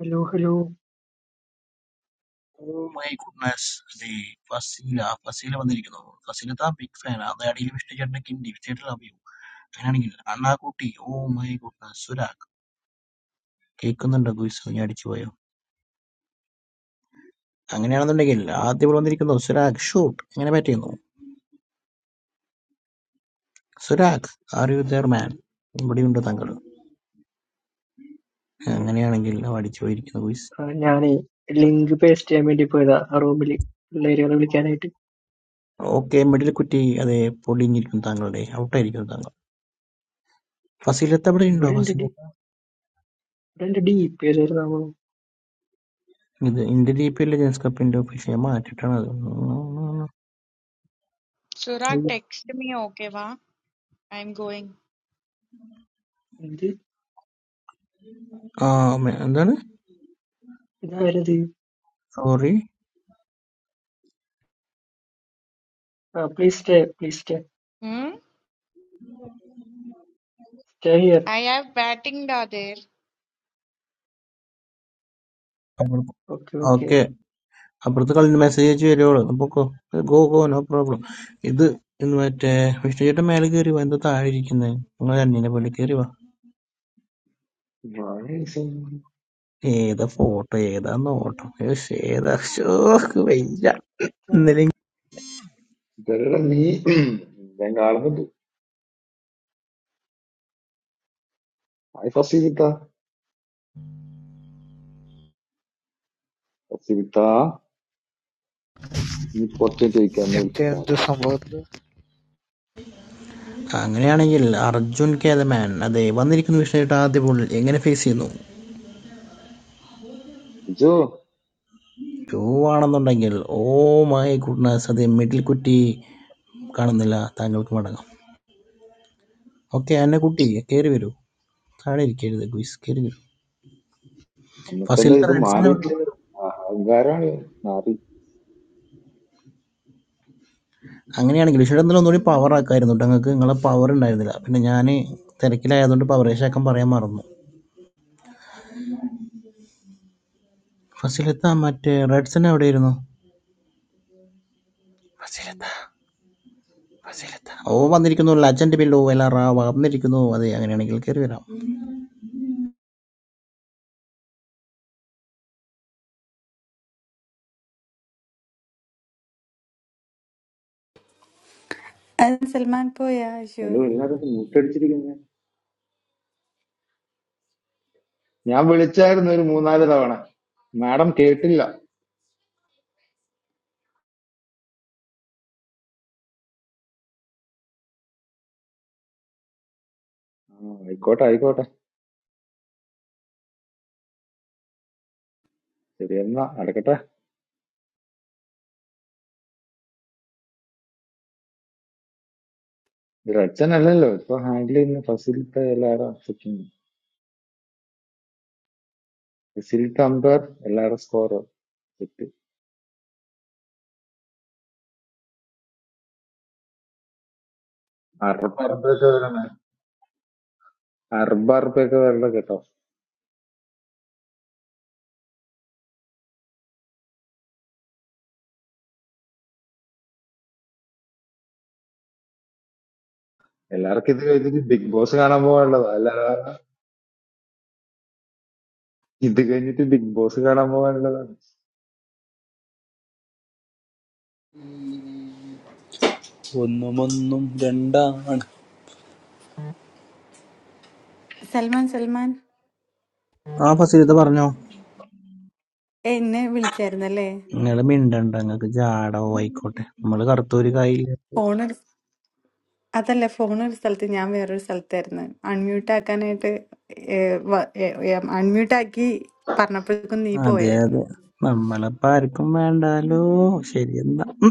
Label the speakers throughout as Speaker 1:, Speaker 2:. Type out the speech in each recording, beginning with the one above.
Speaker 1: Hello hello
Speaker 2: Oh my goodness, the Faseela Faseela വന്നിരിക്കുന്നു ഫസീലത്ത big fan അത് അടിയിൽ വിഷ്ണു ചേട്ടന്റെ കിണ്ടി ചേട്ടൻ ലവ് യു അങ്ങനെയാണെങ്കിൽ അണ്ണാക്കുട്ടി ഓ മൈ ഗുഡ്നസ് സുരാഗ് കേൾക്കുന്നുണ്ടോ ഗുയിസ് നീ അടിച്ചു പോയോ അങ്ങനെയാണെന്നുണ്ടെങ്കിൽ ആദ്യം ഇവിടെ വന്നിരിക്കുന്നു സുരാഗ് ഷൂട്ട് എങ്ങനെ ബാറ്റ് ചെയ്യുന്നു Surag are you there man ഇവിടെയുണ്ട് താങ്കൾ അങ്ങനെയാണെങ്കിൽ അവ അടിച്ചു പോയിരിക്കുന്നു ഗുയിസ്
Speaker 1: ആ, ഞാനേ ലിങ്ക് പേസ്റ്റ് ചെയ്യാൻ വേണ്ടി പോയതാ ആ റൂമിൽ പിള്ളേരുകളെ വിളിക്കാനായിട്ട്
Speaker 2: ഓക്കെ മിഡിൽ കുറ്റി അതെ പൊളിഞ്ഞിരിക്കുന്നു താങ്കളുടെ ഔട്ടായിരിക്കുന്നു താങ്കൾ ഫസീലത്ത് അവിടെ ഉണ്ടോ
Speaker 1: ഇവിടെ ഉണ്ട് ഡി
Speaker 2: ഫസീലത്ത
Speaker 1: ഇവിടെ ഉണ്ട് ഡി പേരായിരുന്നു
Speaker 2: ഇത് ഇന്ത്യ ഡി പി എല്ലിലെ ജേംസ് കപ്പിന്റെ ഒഫീഷ്യൽ മാറ്റിയിട്ടാണ്
Speaker 3: Suraj,
Speaker 2: അത്
Speaker 3: text me okay, wa? I'm going.
Speaker 1: എന്ത്
Speaker 2: ആ മെ എന്താണ്?
Speaker 1: ഇതാരത്
Speaker 2: സോറി.
Speaker 1: ആ please stay please stay
Speaker 3: Hmm?
Speaker 1: Stay here
Speaker 3: I have batting da there.
Speaker 2: അപ്പുറത്ത്
Speaker 1: ഓക്കെ ഓക്കെ
Speaker 2: ഓക്കെ. അപ്പുറത്ത് കളി മെസ്സേജ് അയച്ച് വരുവോള്. പൊക്കോ. Go go no problem. ഇത് ഇന്ന് മറ്റേ വിഷ്ണു ചേട്ടൻ മേലെ കയറി വാ. എന്താ താഴെ ഇരിക്കുന്നേ? നിങ്ങൾ അന്യനെ പോലെ കയറി വാ.
Speaker 4: Rising.
Speaker 2: ഏതാ ഫോട്ടോ ഏതാ നോട്ടം ഏഷ് ഏതാ ഷോ വയ്യ
Speaker 1: ആണോ
Speaker 2: ഇന്നലെ
Speaker 4: ഇവരുടെ നീ ഞാൻ കാണുന്നുണ്ട് ഹായ് ഫസീലിത്ത ഫസീലിത്ത നീ ഇപ്പൊ കുറച്ച് ചോദിക്കാന്ന് വിളിച്ചിട്ടാ
Speaker 5: Captain, do
Speaker 4: മതി.
Speaker 5: somebody?
Speaker 2: അങ്ങനെയാണെങ്കിൽ അർജുൻ കെ ദ മാൻ അതെ വന്നിരിക്കുന്ന വിഷയമായിട്ട് ആദ്യ ബോളിൽ എങ്ങനെ ഫേസ് ചെയ്യുന്നു
Speaker 4: ബിജു
Speaker 2: ടൂ ആണെന്നുണ്ടെങ്കിൽ ഓ മൈ ഗുഡ്നസ് അതെ മിഡിൽ കുറ്റി കാണുന്നില്ല താങ്കൾക്ക് മടങ്ങാം ഓക്കെ എന്നെ കുട്ടി കയറി വരൂ താഴെ ഇരിക്കരുത് ക്വിസ് കയറി
Speaker 4: അന്നത്തെ
Speaker 2: ഫസിലത്തെ
Speaker 4: ഇത്
Speaker 2: റെഡ്സിന്
Speaker 4: മാറിയിട്ട് അഹങ്കാരാണ് മാറി
Speaker 2: അങ്ങനെയാണെങ്കിൽ പക്ഷേ എന്നാലും ഒന്നുകൂടി പവർ ആക്കായിരുന്നു കേട്ടോ ഞങ്ങൾക്ക് നിങ്ങളെ പവർ ഉണ്ടായിരുന്നില്ല പിന്നെ ഞാൻ തിരക്കിലായതുകൊണ്ട് പവറേശാക്കാൻ പറയാൻ മറന്നു ഫസിലത്ത മറ്റേ റെഡ്സൺ എവിടെയായിരുന്നു ഓ വന്നിരിക്കുന്നു ലജൻഡ് ബില്ലോ എലാറാ വന്നിരിക്കുന്നു അതെ അങ്ങനെയാണെങ്കിൽ കയറി വരാം
Speaker 6: അത് സൽമാൻ പോയാ അശു
Speaker 4: നിലവിൽ എല്ലാവരും മൂട്ടടിച്ചിരിക്കുന്നത് ഞാൻ വിളിച്ചായിരുന്നു ഒരു മൂന്നാല് തവണ മാഡം കേട്ടില്ല ആ, ആയിക്കോട്ടെ ആയിക്കോട്ടെ ശരി എന്നാ നടക്കട്ടെ ഇത് റച്ചൻ അല്ലല്ലോ ഇപ്പൊ ഹാൻഡിൽ ചെയ്യുന്ന ഫസിലിത്ത എല്ലാരും ഫസിലിത്ത അമ്പയർ എല്ലാരും സ്കോർ സെറ്റ് അറുപത് അറുപതൊക്കെ വരണം അറുപത് അറുപതൊക്കെ വരണം കേട്ടോ എല്ലാവർക്കും ഇത് കഴിഞ്ഞിട്ട് ബിഗ് ബോസ് കാണാൻ പോകാനുള്ളതാ അല്ലാതെ ഇത് കഴിഞ്ഞിട്ട് ബിഗ് ബോസ് കാണാൻ പോകാനുള്ളതാണ്
Speaker 7: ഒന്നുമൊന്നും രണ്ടാണ്
Speaker 6: സൽമാൻ സൽമാൻ
Speaker 2: ആ ഫസിലത്ത പറഞ്ഞോ
Speaker 6: ഏ, എന്നെ വിളിച്ചായിരുന്നല്ലേ
Speaker 2: നിങ്ങൾ മിണ്ടണ്ട നിങ്ങൾക്ക് ജാടോ ആയിക്കോട്ടെ നമ്മൾ കറുത്തൂര് കായില്ല
Speaker 6: ഫോൺ ഒരു അതല്ല ഫോൺ ഒരു സ്ഥലത്ത് ഞാൻ വേറൊരു സ്ഥലത്തായിരുന്നു അൺമ്യൂട്ട് ആക്കാനായിട്ട് അൺമ്യൂട്ട് ആക്കി പറഞ്ഞപ്പോഴേക്കും നീ
Speaker 2: അതെ
Speaker 6: പോയായിരുന്നു
Speaker 2: അതെ നമ്മളിപ്പോ ആർക്കും വേണ്ടാലോ ശരി എന്നാ ഉം.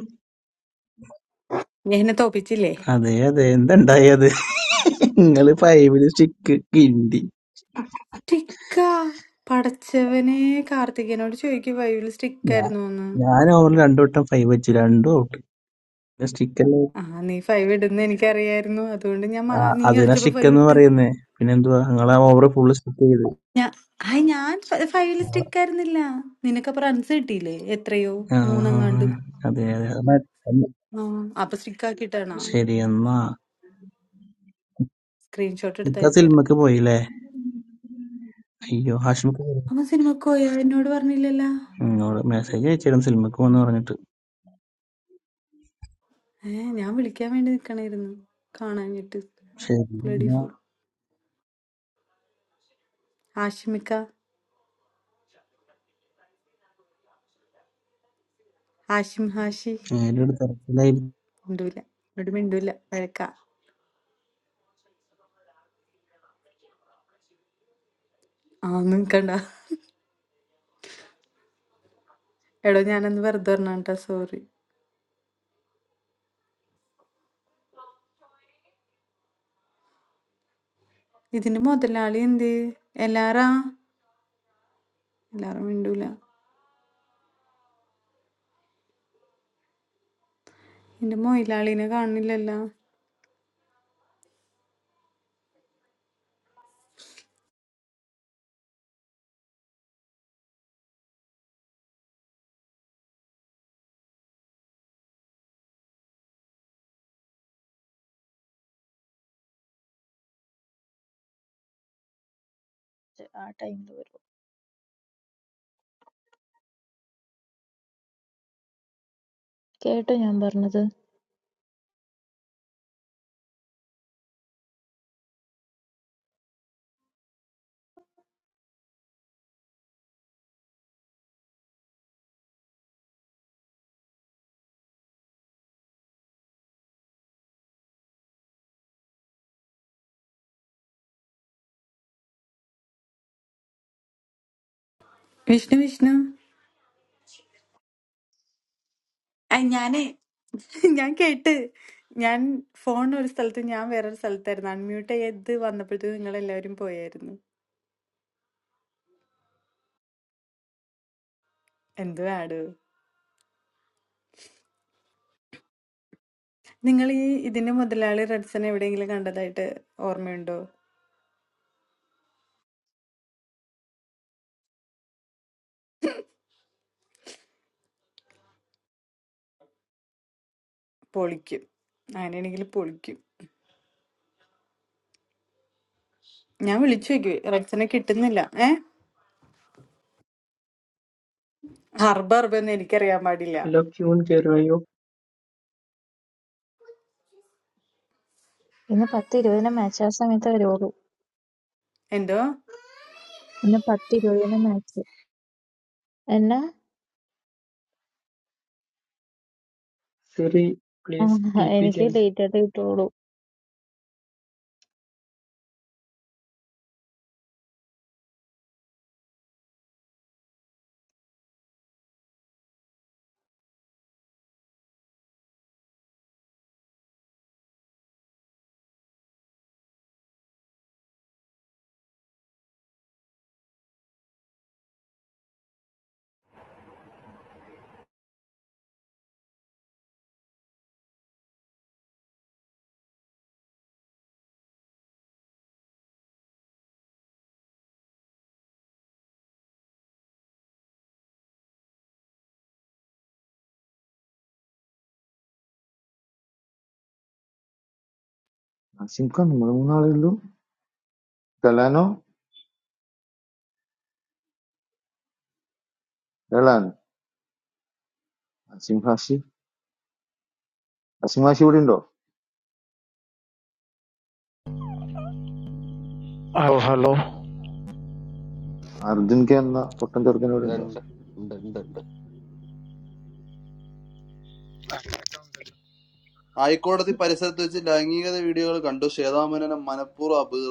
Speaker 6: ഞാൻ എന്നെ തോപ്പിച്ചില്ലേ
Speaker 2: അതെ അതെ എന്തുണ്ടായത് നിങ്ങള് ഫൈവില് സ്റ്റിക്ക് കിണ്ടി
Speaker 6: സ്റ്റിക്കാ പടച്ചവനെ കാർത്തികനോട് ചോദിക്കും ഫൈവിൽ
Speaker 2: ഞാൻ
Speaker 6: സ്റ്റിക്കായിരുന്നു എന്ന്
Speaker 2: ഞാൻ ഓവർ രണ്ടു വട്ടം ഫൈവ് വെച്ചു രണ്ടും ഔട്ട് പിന്നെ സ്റ്റിക്ക് അല്ലേ
Speaker 6: ആ നീ ഫൈവ് ഇടുന്ന എനിക്കറിയായിരുന്നു അതുകൊണ്ട് ഞാൻ
Speaker 2: ആ,
Speaker 6: മ- നീ
Speaker 2: അതിനാ
Speaker 6: കളിച്ചപ്പോ
Speaker 2: സ്റ്റിക്ക്
Speaker 6: ഫൈവ്
Speaker 2: എന്ന്
Speaker 6: ഇട്ട്
Speaker 2: പറയുന്നേ പിന്നെന്തുവാ നിങ്ങളാ ഓവർ ഫുള്ള് സ്റ്റിക്ക് ചെയ്ത്
Speaker 6: ഞാ ഹായ് ഞാൻ ഫൈവ് സ്റ്റിക്ക് ആയിരുന്നില്ല നിനക്കപ്പൊ റൺസ് കിട്ടിയില്ലേ എത്രയോ
Speaker 2: ആ
Speaker 6: മൂന്നെങ്ങാണ്ടും
Speaker 2: അതെ അതെ അത് മതി. അന്ന്
Speaker 6: ആ അപ്പൊ സ്റ്റിക്ക് ആക്കിയിട്ടാണോ
Speaker 2: ശരി എന്നാ
Speaker 6: സ്ക്രീൻഷോട്ട് എടുത്ത്
Speaker 2: ഇക്ക
Speaker 6: അയച്ചുതരാം
Speaker 2: സിനിമക്ക് പോയില്ലേ അയ്യോ ഹാഷ്മിക്ക് പോയി.
Speaker 6: അമ്മ സിനിമക്ക് പോയോ എന്നോട് പറഞ്ഞില്ലല്ലോ
Speaker 2: എന്നോട് മെസ്സേജ് അയച്ചിരുന്നു സിനിമക്ക് പോന്ന് പറഞ്ഞിട്ട്
Speaker 6: ഏ ഞാൻ വിളിക്കാൻ വേണ്ടി നിക്കണായിരുന്നു കാണാഞ്ഞിട്ട്
Speaker 2: ശരി
Speaker 6: ബ്ലഡി
Speaker 2: എന്നാ
Speaker 6: ഫുൾ ആഷിമിക്ക ആഷിം ഹാഷി
Speaker 2: നേരിട്ട് തിരക്കിലായിരുന്നു
Speaker 6: മിണ്ടൂല എന്നോട് മിണ്ടൂല വഴക്ക ആ നിക്കണ്ട എടോ ഞാനന്ന് വെറുതെ പറഞ്ഞാട്ടാ സോറി ഇതിന്റെ മുതലാളി എന്ത് എല്ലാറാ എല്ലാരും മിണ്ടൂല എന്റെ മൊയിലാളിനെ കാണുന്നില്ലല്ല
Speaker 8: ആ ടൈമിൽ വരും കേട്ടോ ഞാൻ പറഞ്ഞത്
Speaker 6: വിഷ്ണു വിഷ്ണു ആ, ഞാനേ ഞാൻ കേട്ട് ഞാൻ ഫോൺ ഒരു സ്ഥലത്ത് ഞാൻ വേറൊരു സ്ഥലത്തായിരുന്നു അൺമ്യൂട്ട് ചെയ്ത് വന്നപ്പോഴത്തേക്ക് നിങ്ങൾ എല്ലാവരും പോയായിരുന്നു എന്ത് ആട് നിങ്ങൾ ഈ ഇതിന്റെ മുതലാളി റെഡ്സൺ എവിടെയെങ്കിലും കണ്ടതായിട്ട് ഓർമ്മയുണ്ടോ പൊളിക്കും അങ്ങനെയാണെങ്കിൽ പൊളിക്കും ഞാൻ വിളിച്ചു നോക്കി റെഡ്സനെ കിട്ടുന്നില്ല ഏ ഹർബ ഹർബ ഒന്നും എനിക്കറിയാൻ പാടില്ല
Speaker 1: ഹലോ ക്യൂൺ കയറുകയോ
Speaker 8: ഇന്ന് പത്ത് ഇരുപതിന് മാച്ച് ആ സമയത്ത് വരുവുള്ളൂ
Speaker 6: എന്തോ
Speaker 8: ഇന്ന് പത്ത് ഇരുപതിന് മാച്ച് എന്നാ
Speaker 1: സിറി പ്ലീസ്
Speaker 8: ആഹ്,
Speaker 1: ഡി പി
Speaker 8: എനിക്ക്
Speaker 1: ചേഞ്ച്
Speaker 8: ലേറ്റ് ആയിട്ട് കിട്ടുള്ളൂ
Speaker 4: അസിം ഖാൻ നിങ്ങൾ മൂന്നാളുകളിലും കലാനോ കലാനോ അസിം ഹാഷി അസിം ഹാഷി ഇവിടെ ഉണ്ടോ
Speaker 5: Oh, hello.
Speaker 4: അർജുൻ കെ എന്ന പൊട്ടൻ ചെറുക്കൻ ഇവിടെ ഉണ്ടോ
Speaker 9: ഉണ്ട് ഉണ്ട് ഉണ്ട് ഉണ്ട്
Speaker 7: ഹൈക്കോടതി പരിസരത്ത് വെച്ച് ലൈംഗികത വീഡിയോകൾ കണ്ടു ശ്വേതാമേനോനെ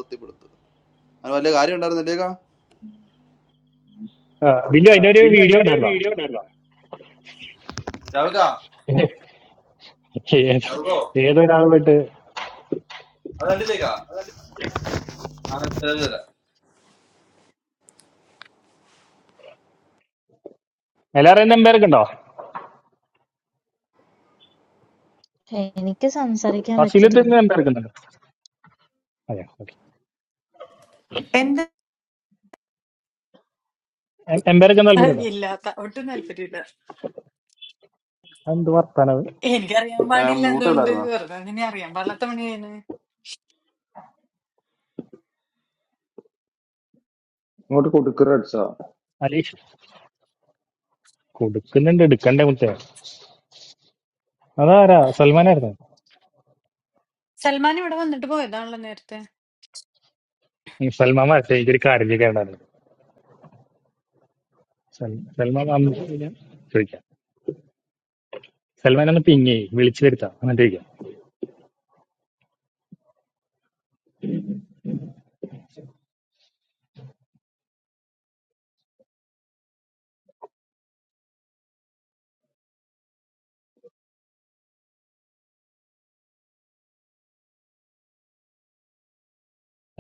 Speaker 7: മനപ്തിപ്പെടുത്തു അത് വലിയ കാര്യം ഉണ്ടായിരുന്നില്ലേക്കാ
Speaker 10: ആ, ബില്ലു അതിന്റെ ഒരു
Speaker 5: We need
Speaker 10: വീഡിയോ
Speaker 5: another
Speaker 10: ഉണ്ടായിരുന്നോ
Speaker 5: video, darling.
Speaker 7: രാവിലേക്കാ
Speaker 10: ഏത്
Speaker 7: രാവിലോ
Speaker 10: ഏതൊരാളുമായിട്ട്
Speaker 7: അത് കണ്ടില്ലേക്കാ ആ, ശരി, ശരി.
Speaker 10: എല്ലാവരും എംപയർക്ക് ഉണ്ടോ
Speaker 8: എനിക്ക് സംസാരിക്കാൻ
Speaker 10: ഫസിലത്ത്
Speaker 8: പറ്റില്ല
Speaker 10: എംപയർക്ക് ഉണ്ടോ അതെ ഓക്കെ
Speaker 6: എന്താ
Speaker 10: എംപയർക്ക് താല്പര്യമുണ്ടോ
Speaker 6: ഇല്ലാത്ത ഒട്ടും താല്പര്യമില്ല
Speaker 10: എന്ത് വർത്താനത്
Speaker 6: എനിക്കറിയാൻ
Speaker 7: ആ,
Speaker 6: പാടില്ല
Speaker 7: mute
Speaker 6: അതുകൊണ്ട്
Speaker 7: ഇടായിരുന്നോ?
Speaker 6: വെറുതെ അതിനെ അറിയാൻ പാടില്ലാത്ത പണിയാണ്
Speaker 4: ഇങ്ങോട്ട് കൊടുക്കറ അടിച്ചാ
Speaker 10: അലീഷ് കൊടുക്കുന്നുണ്ട് എടുക്കണ്ടേ മുത്തേ അതാരാ സൽമാനായിരുന്നു
Speaker 6: സൽമാൻ ഇവിടെ വന്നിട്ട് പോയതാണല്ലോ നേരത്തെ
Speaker 10: ഉം, സൽമാൻ വരട്ടെ എനിക്കൊരു കാര്യം ചെയ്യേണ്ടായിരുന്നു സൽ- സൽമാൻ വന്നു കഴിഞ്ഞാ ചോദിക്കാം സൽമാൻ ഒന്ന് പിങ്ങി വിളിച്ചു വരുത്താം എന്നിട്ട് ചോദിക്കാം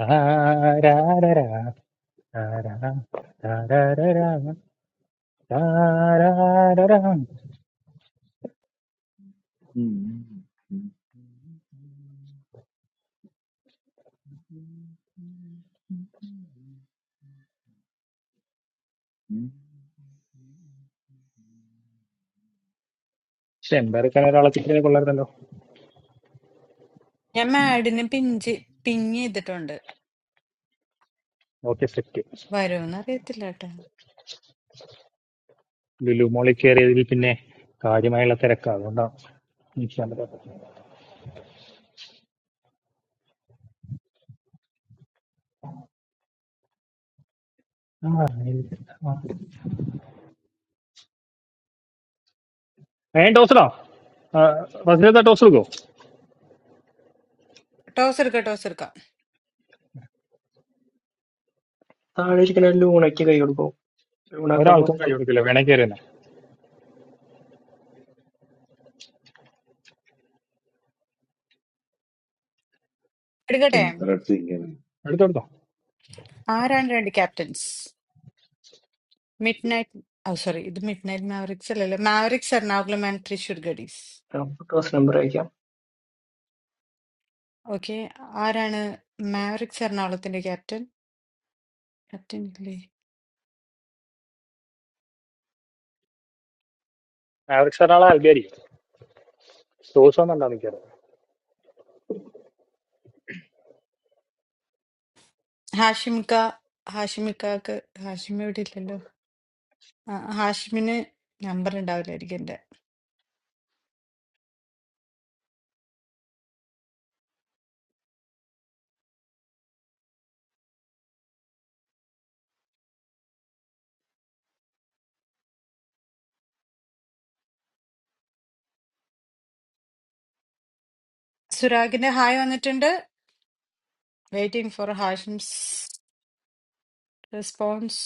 Speaker 10: താരാരാരാ, താരാരാ, താരാരാരാ, താരാരാരാ. പക്ഷെ എംപയർക്കാൻ ഒരാളെ കിട്ടിയാൽ കൊള്ളായിരുന്നല്ലോ
Speaker 6: ഞാൻ മാഡിനെ പിഞ്ച് പിങ് ചെയ്തിട്ടുണ്ട്
Speaker 10: ഓക്കെ സെറ്റ്
Speaker 6: വരുമെന്ന് അറിയത്തില്ല കേട്ടോ
Speaker 10: ലുലു മോളിൽ കയറിയതിൽ പിന്നെ കാര്യമായുള്ള തിരക്കാ അതുകൊണ്ടാണ് നിൽക്കാൻ പറ്റാത്തത്. ആ, എനിക്ക് ആ. ഏ ടോസറാ ഫസിലെത്താ ടോസ് എടുക്കോ
Speaker 6: ടോസ് എടുക്കാം ടോസ് എടുക്കാം
Speaker 1: താഴെ ഇരിക്കണ ലൂണയ്ക്ക് കൈ കൊടുക്കും ലൂണാക്കുമ്പോൾ
Speaker 10: ഒരാൾക്കും കൈ കൊടുക്കില്ല വേണേ കയറി തന്നെ
Speaker 6: എടുക്കട്ടെ
Speaker 4: എന്ത്ര അടിച്ചു ഇങ്ങനെ
Speaker 10: എടുത്തെടുത്തോ
Speaker 6: ആരാണ് രണ്ട് captains Midnight oh sorry ഇത് മിഡ് നൈറ്റ് മാവറിക്സ് അല്ലല്ലോ മാവറിക്സ് എറണാകുളം ആൻഡ് തൃശൂർ ഗഡീസ്
Speaker 1: ഫോട്ടോസ് നമ്പർ അയക്കാം
Speaker 6: ഓക്കെ ആരാണ് മാവറിക്സ് എറണാകുളത്തിന്റെ ക്യാപ്റ്റൻ ക്യാപ്റ്റൻ ഇല്ലേ
Speaker 10: ആവറേജ് ഒരാളെ ആൾക്കാരിക്കും ടോസ് വന്നിട്ടാ നിൽക്കാറ്
Speaker 6: ഹാഷിമിക്ക ഹാഷിമിക്കാക്ക് ഹാഷിം ഇവിടെ ഇല്ലല്ലോ ആ, ഹാഷിമിന് നമ്പർ ഉണ്ടാവില്ലായിരിക്കും സുരാഗിന്റെ ഹായ് വന്നിട്ടുണ്ട് വെയിറ്റിംഗ് ഫോർ ഹാഷിംസ് റെസ്പോൺസ്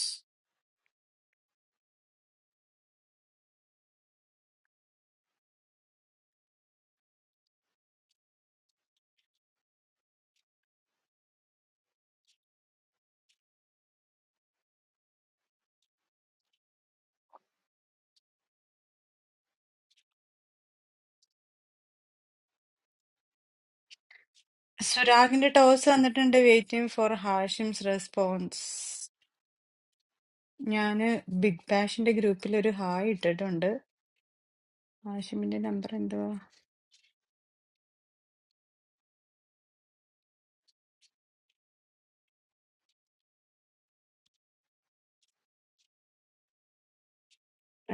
Speaker 6: സുരാഗിന്റെ ടോസ് വന്നിട്ടുണ്ട് വെയിറ്റിംഗ് ഫോർ ഹാഷിംസ് റെസ്പോൺസ് ഞാന് ബിഗ് ബാഷിന്റെ ഗ്രൂപ്പിൽ ഒരു ഹായ് ഇട്ടിട്ടുണ്ട് ഹാഷിമിന്റെ നമ്പർ എന്തുവാ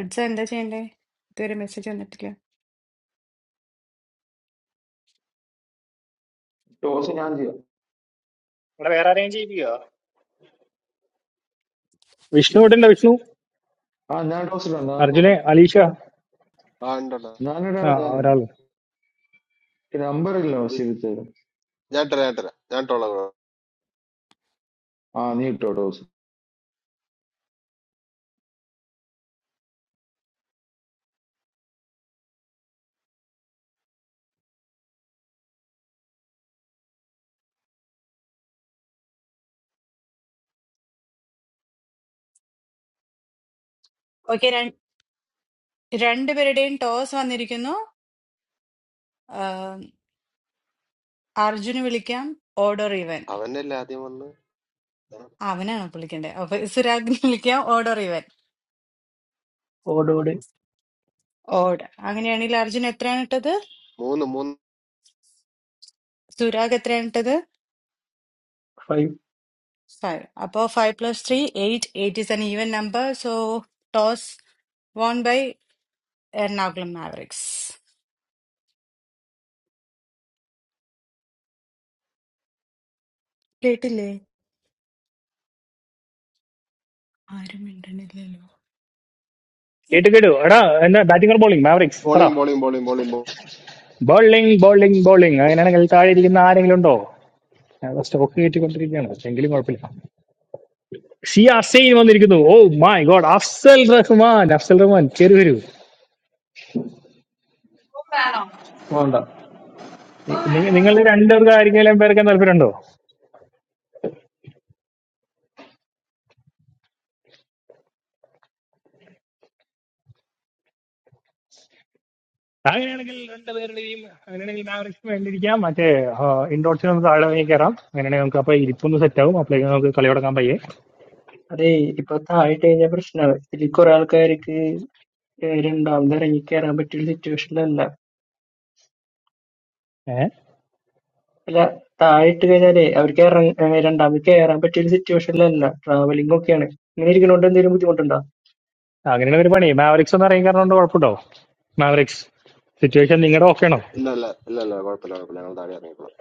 Speaker 6: അഡ്സ എന്താ ചെയ്യണ്ടേ ഇതുവരെ മെസ്സേജ് വന്നിട്ടില്ല
Speaker 4: ടോസ് ഞാൻ ചെയ്യാം
Speaker 10: ഇവിടെ വേറെ ആരെയും ചെയ്യിപ്പിക്കുക വിഷ്ണു ഇടണ്ട വിഷ്ണു
Speaker 4: ആ ഞാൻ ടോസ് ഇടാം ഞാൻ ടോസ്
Speaker 10: അർജുനെ
Speaker 4: ഇടാം.
Speaker 10: അലീഷ
Speaker 9: ആ ഉണ്ടടാ
Speaker 4: ഞാനിടാടാ
Speaker 10: ആ
Speaker 4: ഞാനിടാം
Speaker 10: ഒരാള്
Speaker 4: നമ്പർ ഇല്ല ശരിച്ചേരും
Speaker 9: ഞാൻ തരാം ഞാൻ തരാം ഞാൻ ടോളാം
Speaker 4: ആ നീ ഇട്ടോ ടോസ്
Speaker 6: ഓക്കെ രണ്ടുപേരുടെയും ടോസ് വന്നിരിക്കുന്നു ആം, അർജുന് വിളിക്കാം ഓഡർ ഇവൻ
Speaker 9: അവനല്ലേ ആദ്യം വന്ന്
Speaker 6: അവനാണ് വിളിക്കേണ്ടത് അപ്പൊ സുരാഗിന് വിളിക്കാം ഓഡർ ഇവൻ
Speaker 1: ഓടോട്
Speaker 6: ഓഡ് അങ്ങനെയാണെങ്കിൽ അർജുൻ എത്രയാണ് ഇട്ടത്
Speaker 9: മൂന്ന് മൂന്ന്
Speaker 6: സുരാഗ് എത്രയാണ് ഇട്ടത്
Speaker 1: five
Speaker 6: Five. Above five plus three, eight. Eight is an even number, so toss won by Ernakulam Mavericks. കേട്ടില്ലേ ആരും മിണ്ടണില്ലല്ലോ.
Speaker 10: കേട്ട് കേട്ടു എടാ എന്നാ ബാറ്റിംഗ് ബോളിംഗ് മാവറിക്സ് പറ
Speaker 9: bowling bowling bowling bowling
Speaker 10: bowling bowling bowling അങ്ങനെയാണെങ്കിൽ താഴെ ഇരിക്കുന്ന ആരെങ്കിലും ഉണ്ടോ ഞാൻ സ്റ്റോക്ക് കയറ്റിക്കൊണ്ടിരിക്കുകയാണ് എങ്കിലും കുഴപ്പമില്ല സി അസൈൻ വന്നിരിക്കുന്നു oh my god Afsal Rahman Afsal Rahman കയറി വരൂ
Speaker 11: Wanda.
Speaker 10: നിങ്ങൾ രണ്ടുപേർക്ക് ആരെങ്കിലും പേർക്കാൻ താല്പര്യമുണ്ടോ അങ്ങനെയാണെങ്കിൽ രണ്ടുപേരുടെയും അങ്ങനെയാണെങ്കിൽ മാവറിക്സ് വേണ്ടിയിരിക്കാം മറ്റേ ഇൻഡോർസിൽ നമുക്ക് താഴെ ഇറങ്ങി കയറാം അങ്ങനെയാണെങ്കിൽ നമുക്ക് അപ്പൊ ഇരിപ്പൊന്ന് സെറ്റ് ആവും അപ്പോഴേക്കും നമുക്ക് കളി തുടങ്ങാൻ പയ്യെ
Speaker 1: അതേ ഇപ്പൊ താഴെ കഴിഞ്ഞ പ്രശ്നമാണ് ഇതിൽ കുറെ ആൾക്കാർക്ക് ഏഹ് രണ്ടാമത് ഇറങ്ങി കയറാൻ പറ്റിയ സിറ്റുവേഷനിലല്ല
Speaker 10: ഏഹ്
Speaker 1: അല്ല താഴെ കഴിഞ്ഞാലേ അവർക്ക് ഇറങ്ങ ഏഹ് രണ്ടാമത് കേറാൻ പറ്റിയ ഒരു സിറ്റുവേഷനിലല്ല ട്രാവലിംഗ് ഒക്കെയാണ് ഇങ്ങനെ ഇരിക്കണോണ്ട് എന്തെങ്കിലും ബുദ്ധിമുട്ടുണ്ടോ
Speaker 10: അങ്ങനെയാണ് ഒരു പണി മാവറിക്സ് ഒന്ന് ഇറങ്ങി കയറുന്നതുകൊണ്ട് കുഴപ്പമുണ്ടോ മാവറിക്സ് സിറ്റുവേഷൻ നിങ്ങളുടെ ഓക്കെ ആണോ
Speaker 9: ഇല്ല ഇല്ല ഇല്ല ഇല്ല കുഴപ്പമില്ല കുഴപ്പമില്ല ഞങ്ങൾ താഴെ ഇറങ്ങിക്കോളാം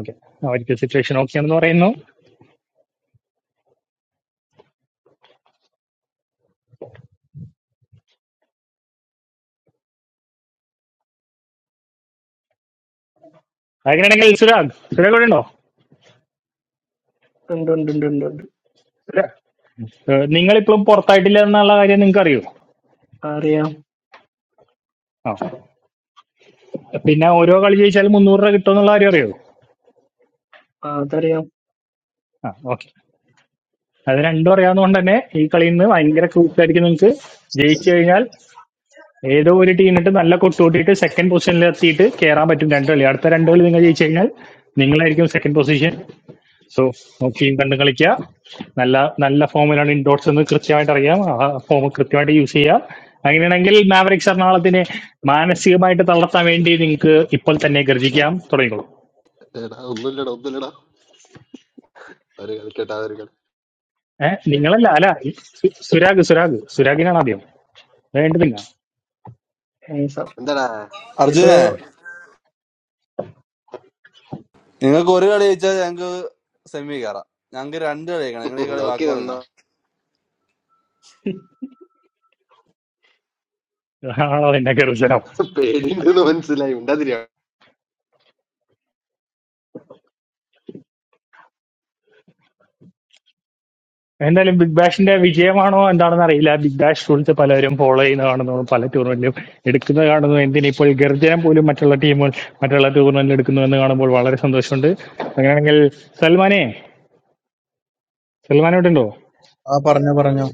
Speaker 10: ഓക്കെ അവർക്ക് സിറ്റുവേഷൻ ഓക്കെ ആണെന്ന് പറയുന്നു അങ്ങനെയാണെങ്കിൽ സുരാഗ് സുരാഗ് ഇവിടെ ഉണ്ടോ
Speaker 1: ഉണ്ട് ഉണ്ട് ഉണ്ട് ഉണ്ട് ഉണ്ട്
Speaker 10: സുരാ- ഏഹ് നിങ്ങൾ ഇപ്പോഴും പുറത്തായിട്ടില്ല എന്നുള്ള കാര്യം നിങ്ങൾക്ക്
Speaker 1: അറിയാം
Speaker 10: അറിയോ പിന്നെ ഓരോ കളി ജയിച്ചാലും മുന്നൂറ് രൂപ കിട്ടും എന്നുള്ള കാര്യം അറിയോ
Speaker 1: ആ, അതറിയാം
Speaker 10: ആ ഓക്കെ അത് രണ്ടും അറിയാവുന്നതുകൊണ്ട് തന്നെ ഈ കളിയിൽ നിന്ന് ഭയങ്കര ക്രൂസായിരിക്കും നിങ്ങൾക്ക് ജയിച്ചു കഴിഞ്ഞാൽ ഏതോ ഒരു ടീമിട്ട് നല്ല കൊട്ടുകൂട്ടിയിട്ട് സെക്കൻഡ് പൊസിഷനിൽ എത്തിയിട്ട് കയറാൻ പറ്റും രണ്ട് കളി അടുത്ത രണ്ട് കളി നിങ്ങൾ ജയിച്ചു കഴിഞ്ഞാൽ നിങ്ങളായിരിക്കും സെക്കൻഡ് പൊസിഷൻ സോ നോക്കിയും കണ്ടും കളിക്കുക നല്ല നല്ല ഫോമിലാണ് ഇൻഡോർസ് എന്ന് കൃത്യമായിട്ട് അറിയാം ആ ഫോം കൃത്യമായിട്ട് യൂസ് ചെയ്യുക അങ്ങനെയാണെങ്കിൽ മാവറിക്സ് എറണാകുളത്തിനെ മാനസികമായിട്ട് തളർത്താൻ വേണ്ടി നിങ്ങൾക്ക് ഇപ്പോൾ തന്നെ ഗർജിക്കാം തുടങ്ങിക്കോളൂ
Speaker 9: എടാ ഒന്നുമില്ലടാ ഒന്നുമില്ലടാ ഒരു കളിക്കട്ടാ ഒരു കളി
Speaker 10: ഏ നിങ്ങളല്ല അല്ല സു- സുരാഗ് സുരാഗ് സുരാഗിനാണ് ആദ്യം വേണ്ടുന്നില്ല
Speaker 1: ഏഹ് സ-
Speaker 9: എന്താടാ
Speaker 1: ഇപ്പൊ
Speaker 7: അർജുനെ നിങ്ങൾക്ക് ഒരു കളി ജയിച്ചാൽ ഞങ്ങൾക്ക് സെമി കയറാം ഞങ്ങൾക്ക് രണ്ട് കളി കളിക്കണം നിങ്ങൾ ഈ കളി
Speaker 9: നോക്കി
Speaker 7: വാക്ക് പറഞ്ഞ
Speaker 9: നിന്നോ
Speaker 10: ആണോ എന്നെ കരുതലോ
Speaker 9: പേടിയുണ്ടെന്ന് മനസ്സിലായി ഉണ്ടാതിരിയാ
Speaker 10: എന്തായാലും ബിഗ് ബാഷിന്റെ വിജയമാണോ എന്താണെന്ന് അറിയില്ല ബിഗ് ബാഷ് റൂൾസ് പലരും ഫോളോ ചെയ്യുന്നത് കാണുന്നു പല ടൂർണമെന്റിലും എടുക്കുന്നത് കാണുന്നു എന്തിന് ഇപ്പോൾ ഗർജനം പോലും മറ്റുള്ള ടീമുകൾ മറ്റുള്ള ടൂർണമെന്റിൽ എടുക്കുന്നു എന്ന് കാണുമ്പോൾ വളരെ സന്തോഷമുണ്ട് അങ്ങനെയാണെങ്കിൽ സൽമാനെ സൽമാൻ ഇവിടെ ഉണ്ടോ
Speaker 2: ആ പറഞ്ഞോ പറഞ്ഞോ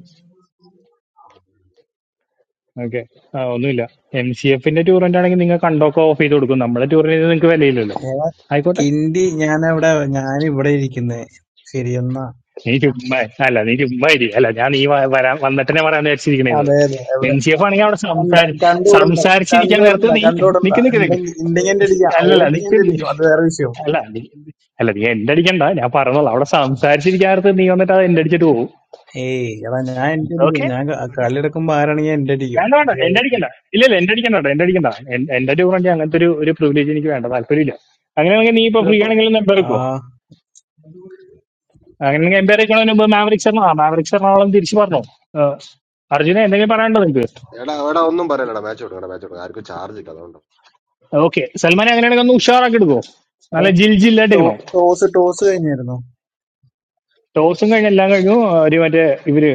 Speaker 10: ഓക്കെ ആ ഒന്നുമില്ല എം സി എഫിന്റെ ടൂർണമെന്റ് ആണെങ്കിൽ നിങ്ങൾ കണ്ടോക്കെ ഓഫ് ചെയ്ത് കൊടുക്കും നമ്മുടെ ടൂറിന് നിങ്ങൾക്ക് വിലയില്ലല്ലോ
Speaker 2: എടാ
Speaker 10: ആയിക്കോട്ടെ
Speaker 2: കിണ്ടി ഞാനവിടെ ഞാനിവിടെ ഇരിക്കുന്നെ ശരി എന്നാ
Speaker 10: നീ ചുമ്മാ അല്ല നീ ചുമ്മാ ഇരി അല്ല ഞാൻ നീ വ- വരാൻ വന്നിട്ടെന്നെ പറയാൻ വിചാരിച്ചിരിക്കണത്
Speaker 2: അതെ അതെ
Speaker 10: എൻ
Speaker 2: അവിടെ
Speaker 10: സി എഫ് ആണെങ്കിൽ അവിടെ
Speaker 2: കണ്ട
Speaker 10: സംസാരി
Speaker 2: കണ്ടുവിടണ്ട
Speaker 10: സംസാരിച്ചിരിക്കാൻ നേരത്ത്
Speaker 2: കണ്ടുവിടണ്ട
Speaker 10: നീ
Speaker 2: കണ്ടുവിടണ്ട
Speaker 10: നിക്ക് നിക്ക് നിക്ക്
Speaker 2: ഉണ്ടെങ്കി ഉണ്ടെങ്കി എന്റെ അടിക്കാം
Speaker 10: അല്ലല്ല
Speaker 2: ഓടുന്നെങ്കിൽ
Speaker 10: നിക്ക്
Speaker 2: എന്റെ
Speaker 10: നി-
Speaker 2: അടിക്കും അത് വേറെ വിഷയം
Speaker 10: അല്ല നീ അല്ല നീ എന്റെ അടിക്കണ്ട ഞാൻ പറഞ്ഞോളാം അവിടെ സംസാരിച്ചിരിക്കാൻ നേരത്ത് നീ വന്നിട്ട് അത് എന്റെ അടിച്ചിട്ട് പോകും
Speaker 2: ഏയ് എടാ ഞാൻ എന്റെ അടിക്കും
Speaker 10: ഓക്കെ
Speaker 2: ഞാൻ ക- കളിയെടുക്കുമ്പോ ആരാണെങ്കിൽ എന്റെ അടിക്കും
Speaker 10: വേണ്ട വേണ്ട എന്റെ അടിക്കണ്ട ഇല്ല ഇല്ല എന്റെ അടിക്കണ്ട കേട്ടോ എന്റെ അടിക്കണ്ട എൻ- എന്റെ ഒരു പറഞ്ഞാൽ അങ്ങനത്തെ ഒരു ഒരു പ്രിവിലേജ് എനിക്ക് വേണ്ട താല്പര്യമില്ല അങ്ങനെയാണെങ്കിൽ നീ ഇപ്പൊ
Speaker 1: ഹലോ
Speaker 10: ഫ്രീ
Speaker 1: ഇപ്പൊ
Speaker 10: ആണെങ്കിൽ നമ്പർ
Speaker 2: ആ
Speaker 10: എടുക്കോ അങ്ങനെ എംപയർ ആയിക്കണതിന് മുമ്പ് മാവറിക് ശർമ്മ ആ മാവറിക് ശർമ്മ ആളും തിരിച്ചു പറഞ്ഞു അർജുന എന്തെങ്കിലും പറയാനുണ്ടോ നിങ്ങൾക്ക്
Speaker 9: എടാ എടാ ഒന്നും പറയലടാ മാച്ച് കൊടുക്കടാ മാച്ച് കൊടുക്കാം ആർക്കും ചാർജ് ഇല്ല അതുകൊണ്ട്
Speaker 10: ഓക്കെ സൽമാൻ അങ്ങനെയാണെങ്കിൽ ഒന്ന് ഉഷാറാക്കി എടുക്കോ നല്ല ജിൽ ജില്ലായിട്ട് എടുക്കണോ
Speaker 2: ടോ- ടോസ് ടോസ് കഴിഞ്ഞായിരുന്നു
Speaker 10: ടോസും കഴിഞ്ഞ് എല്ലാം കഴിഞ്ഞു ആ, ഒരു മറ്റേ ഇവര്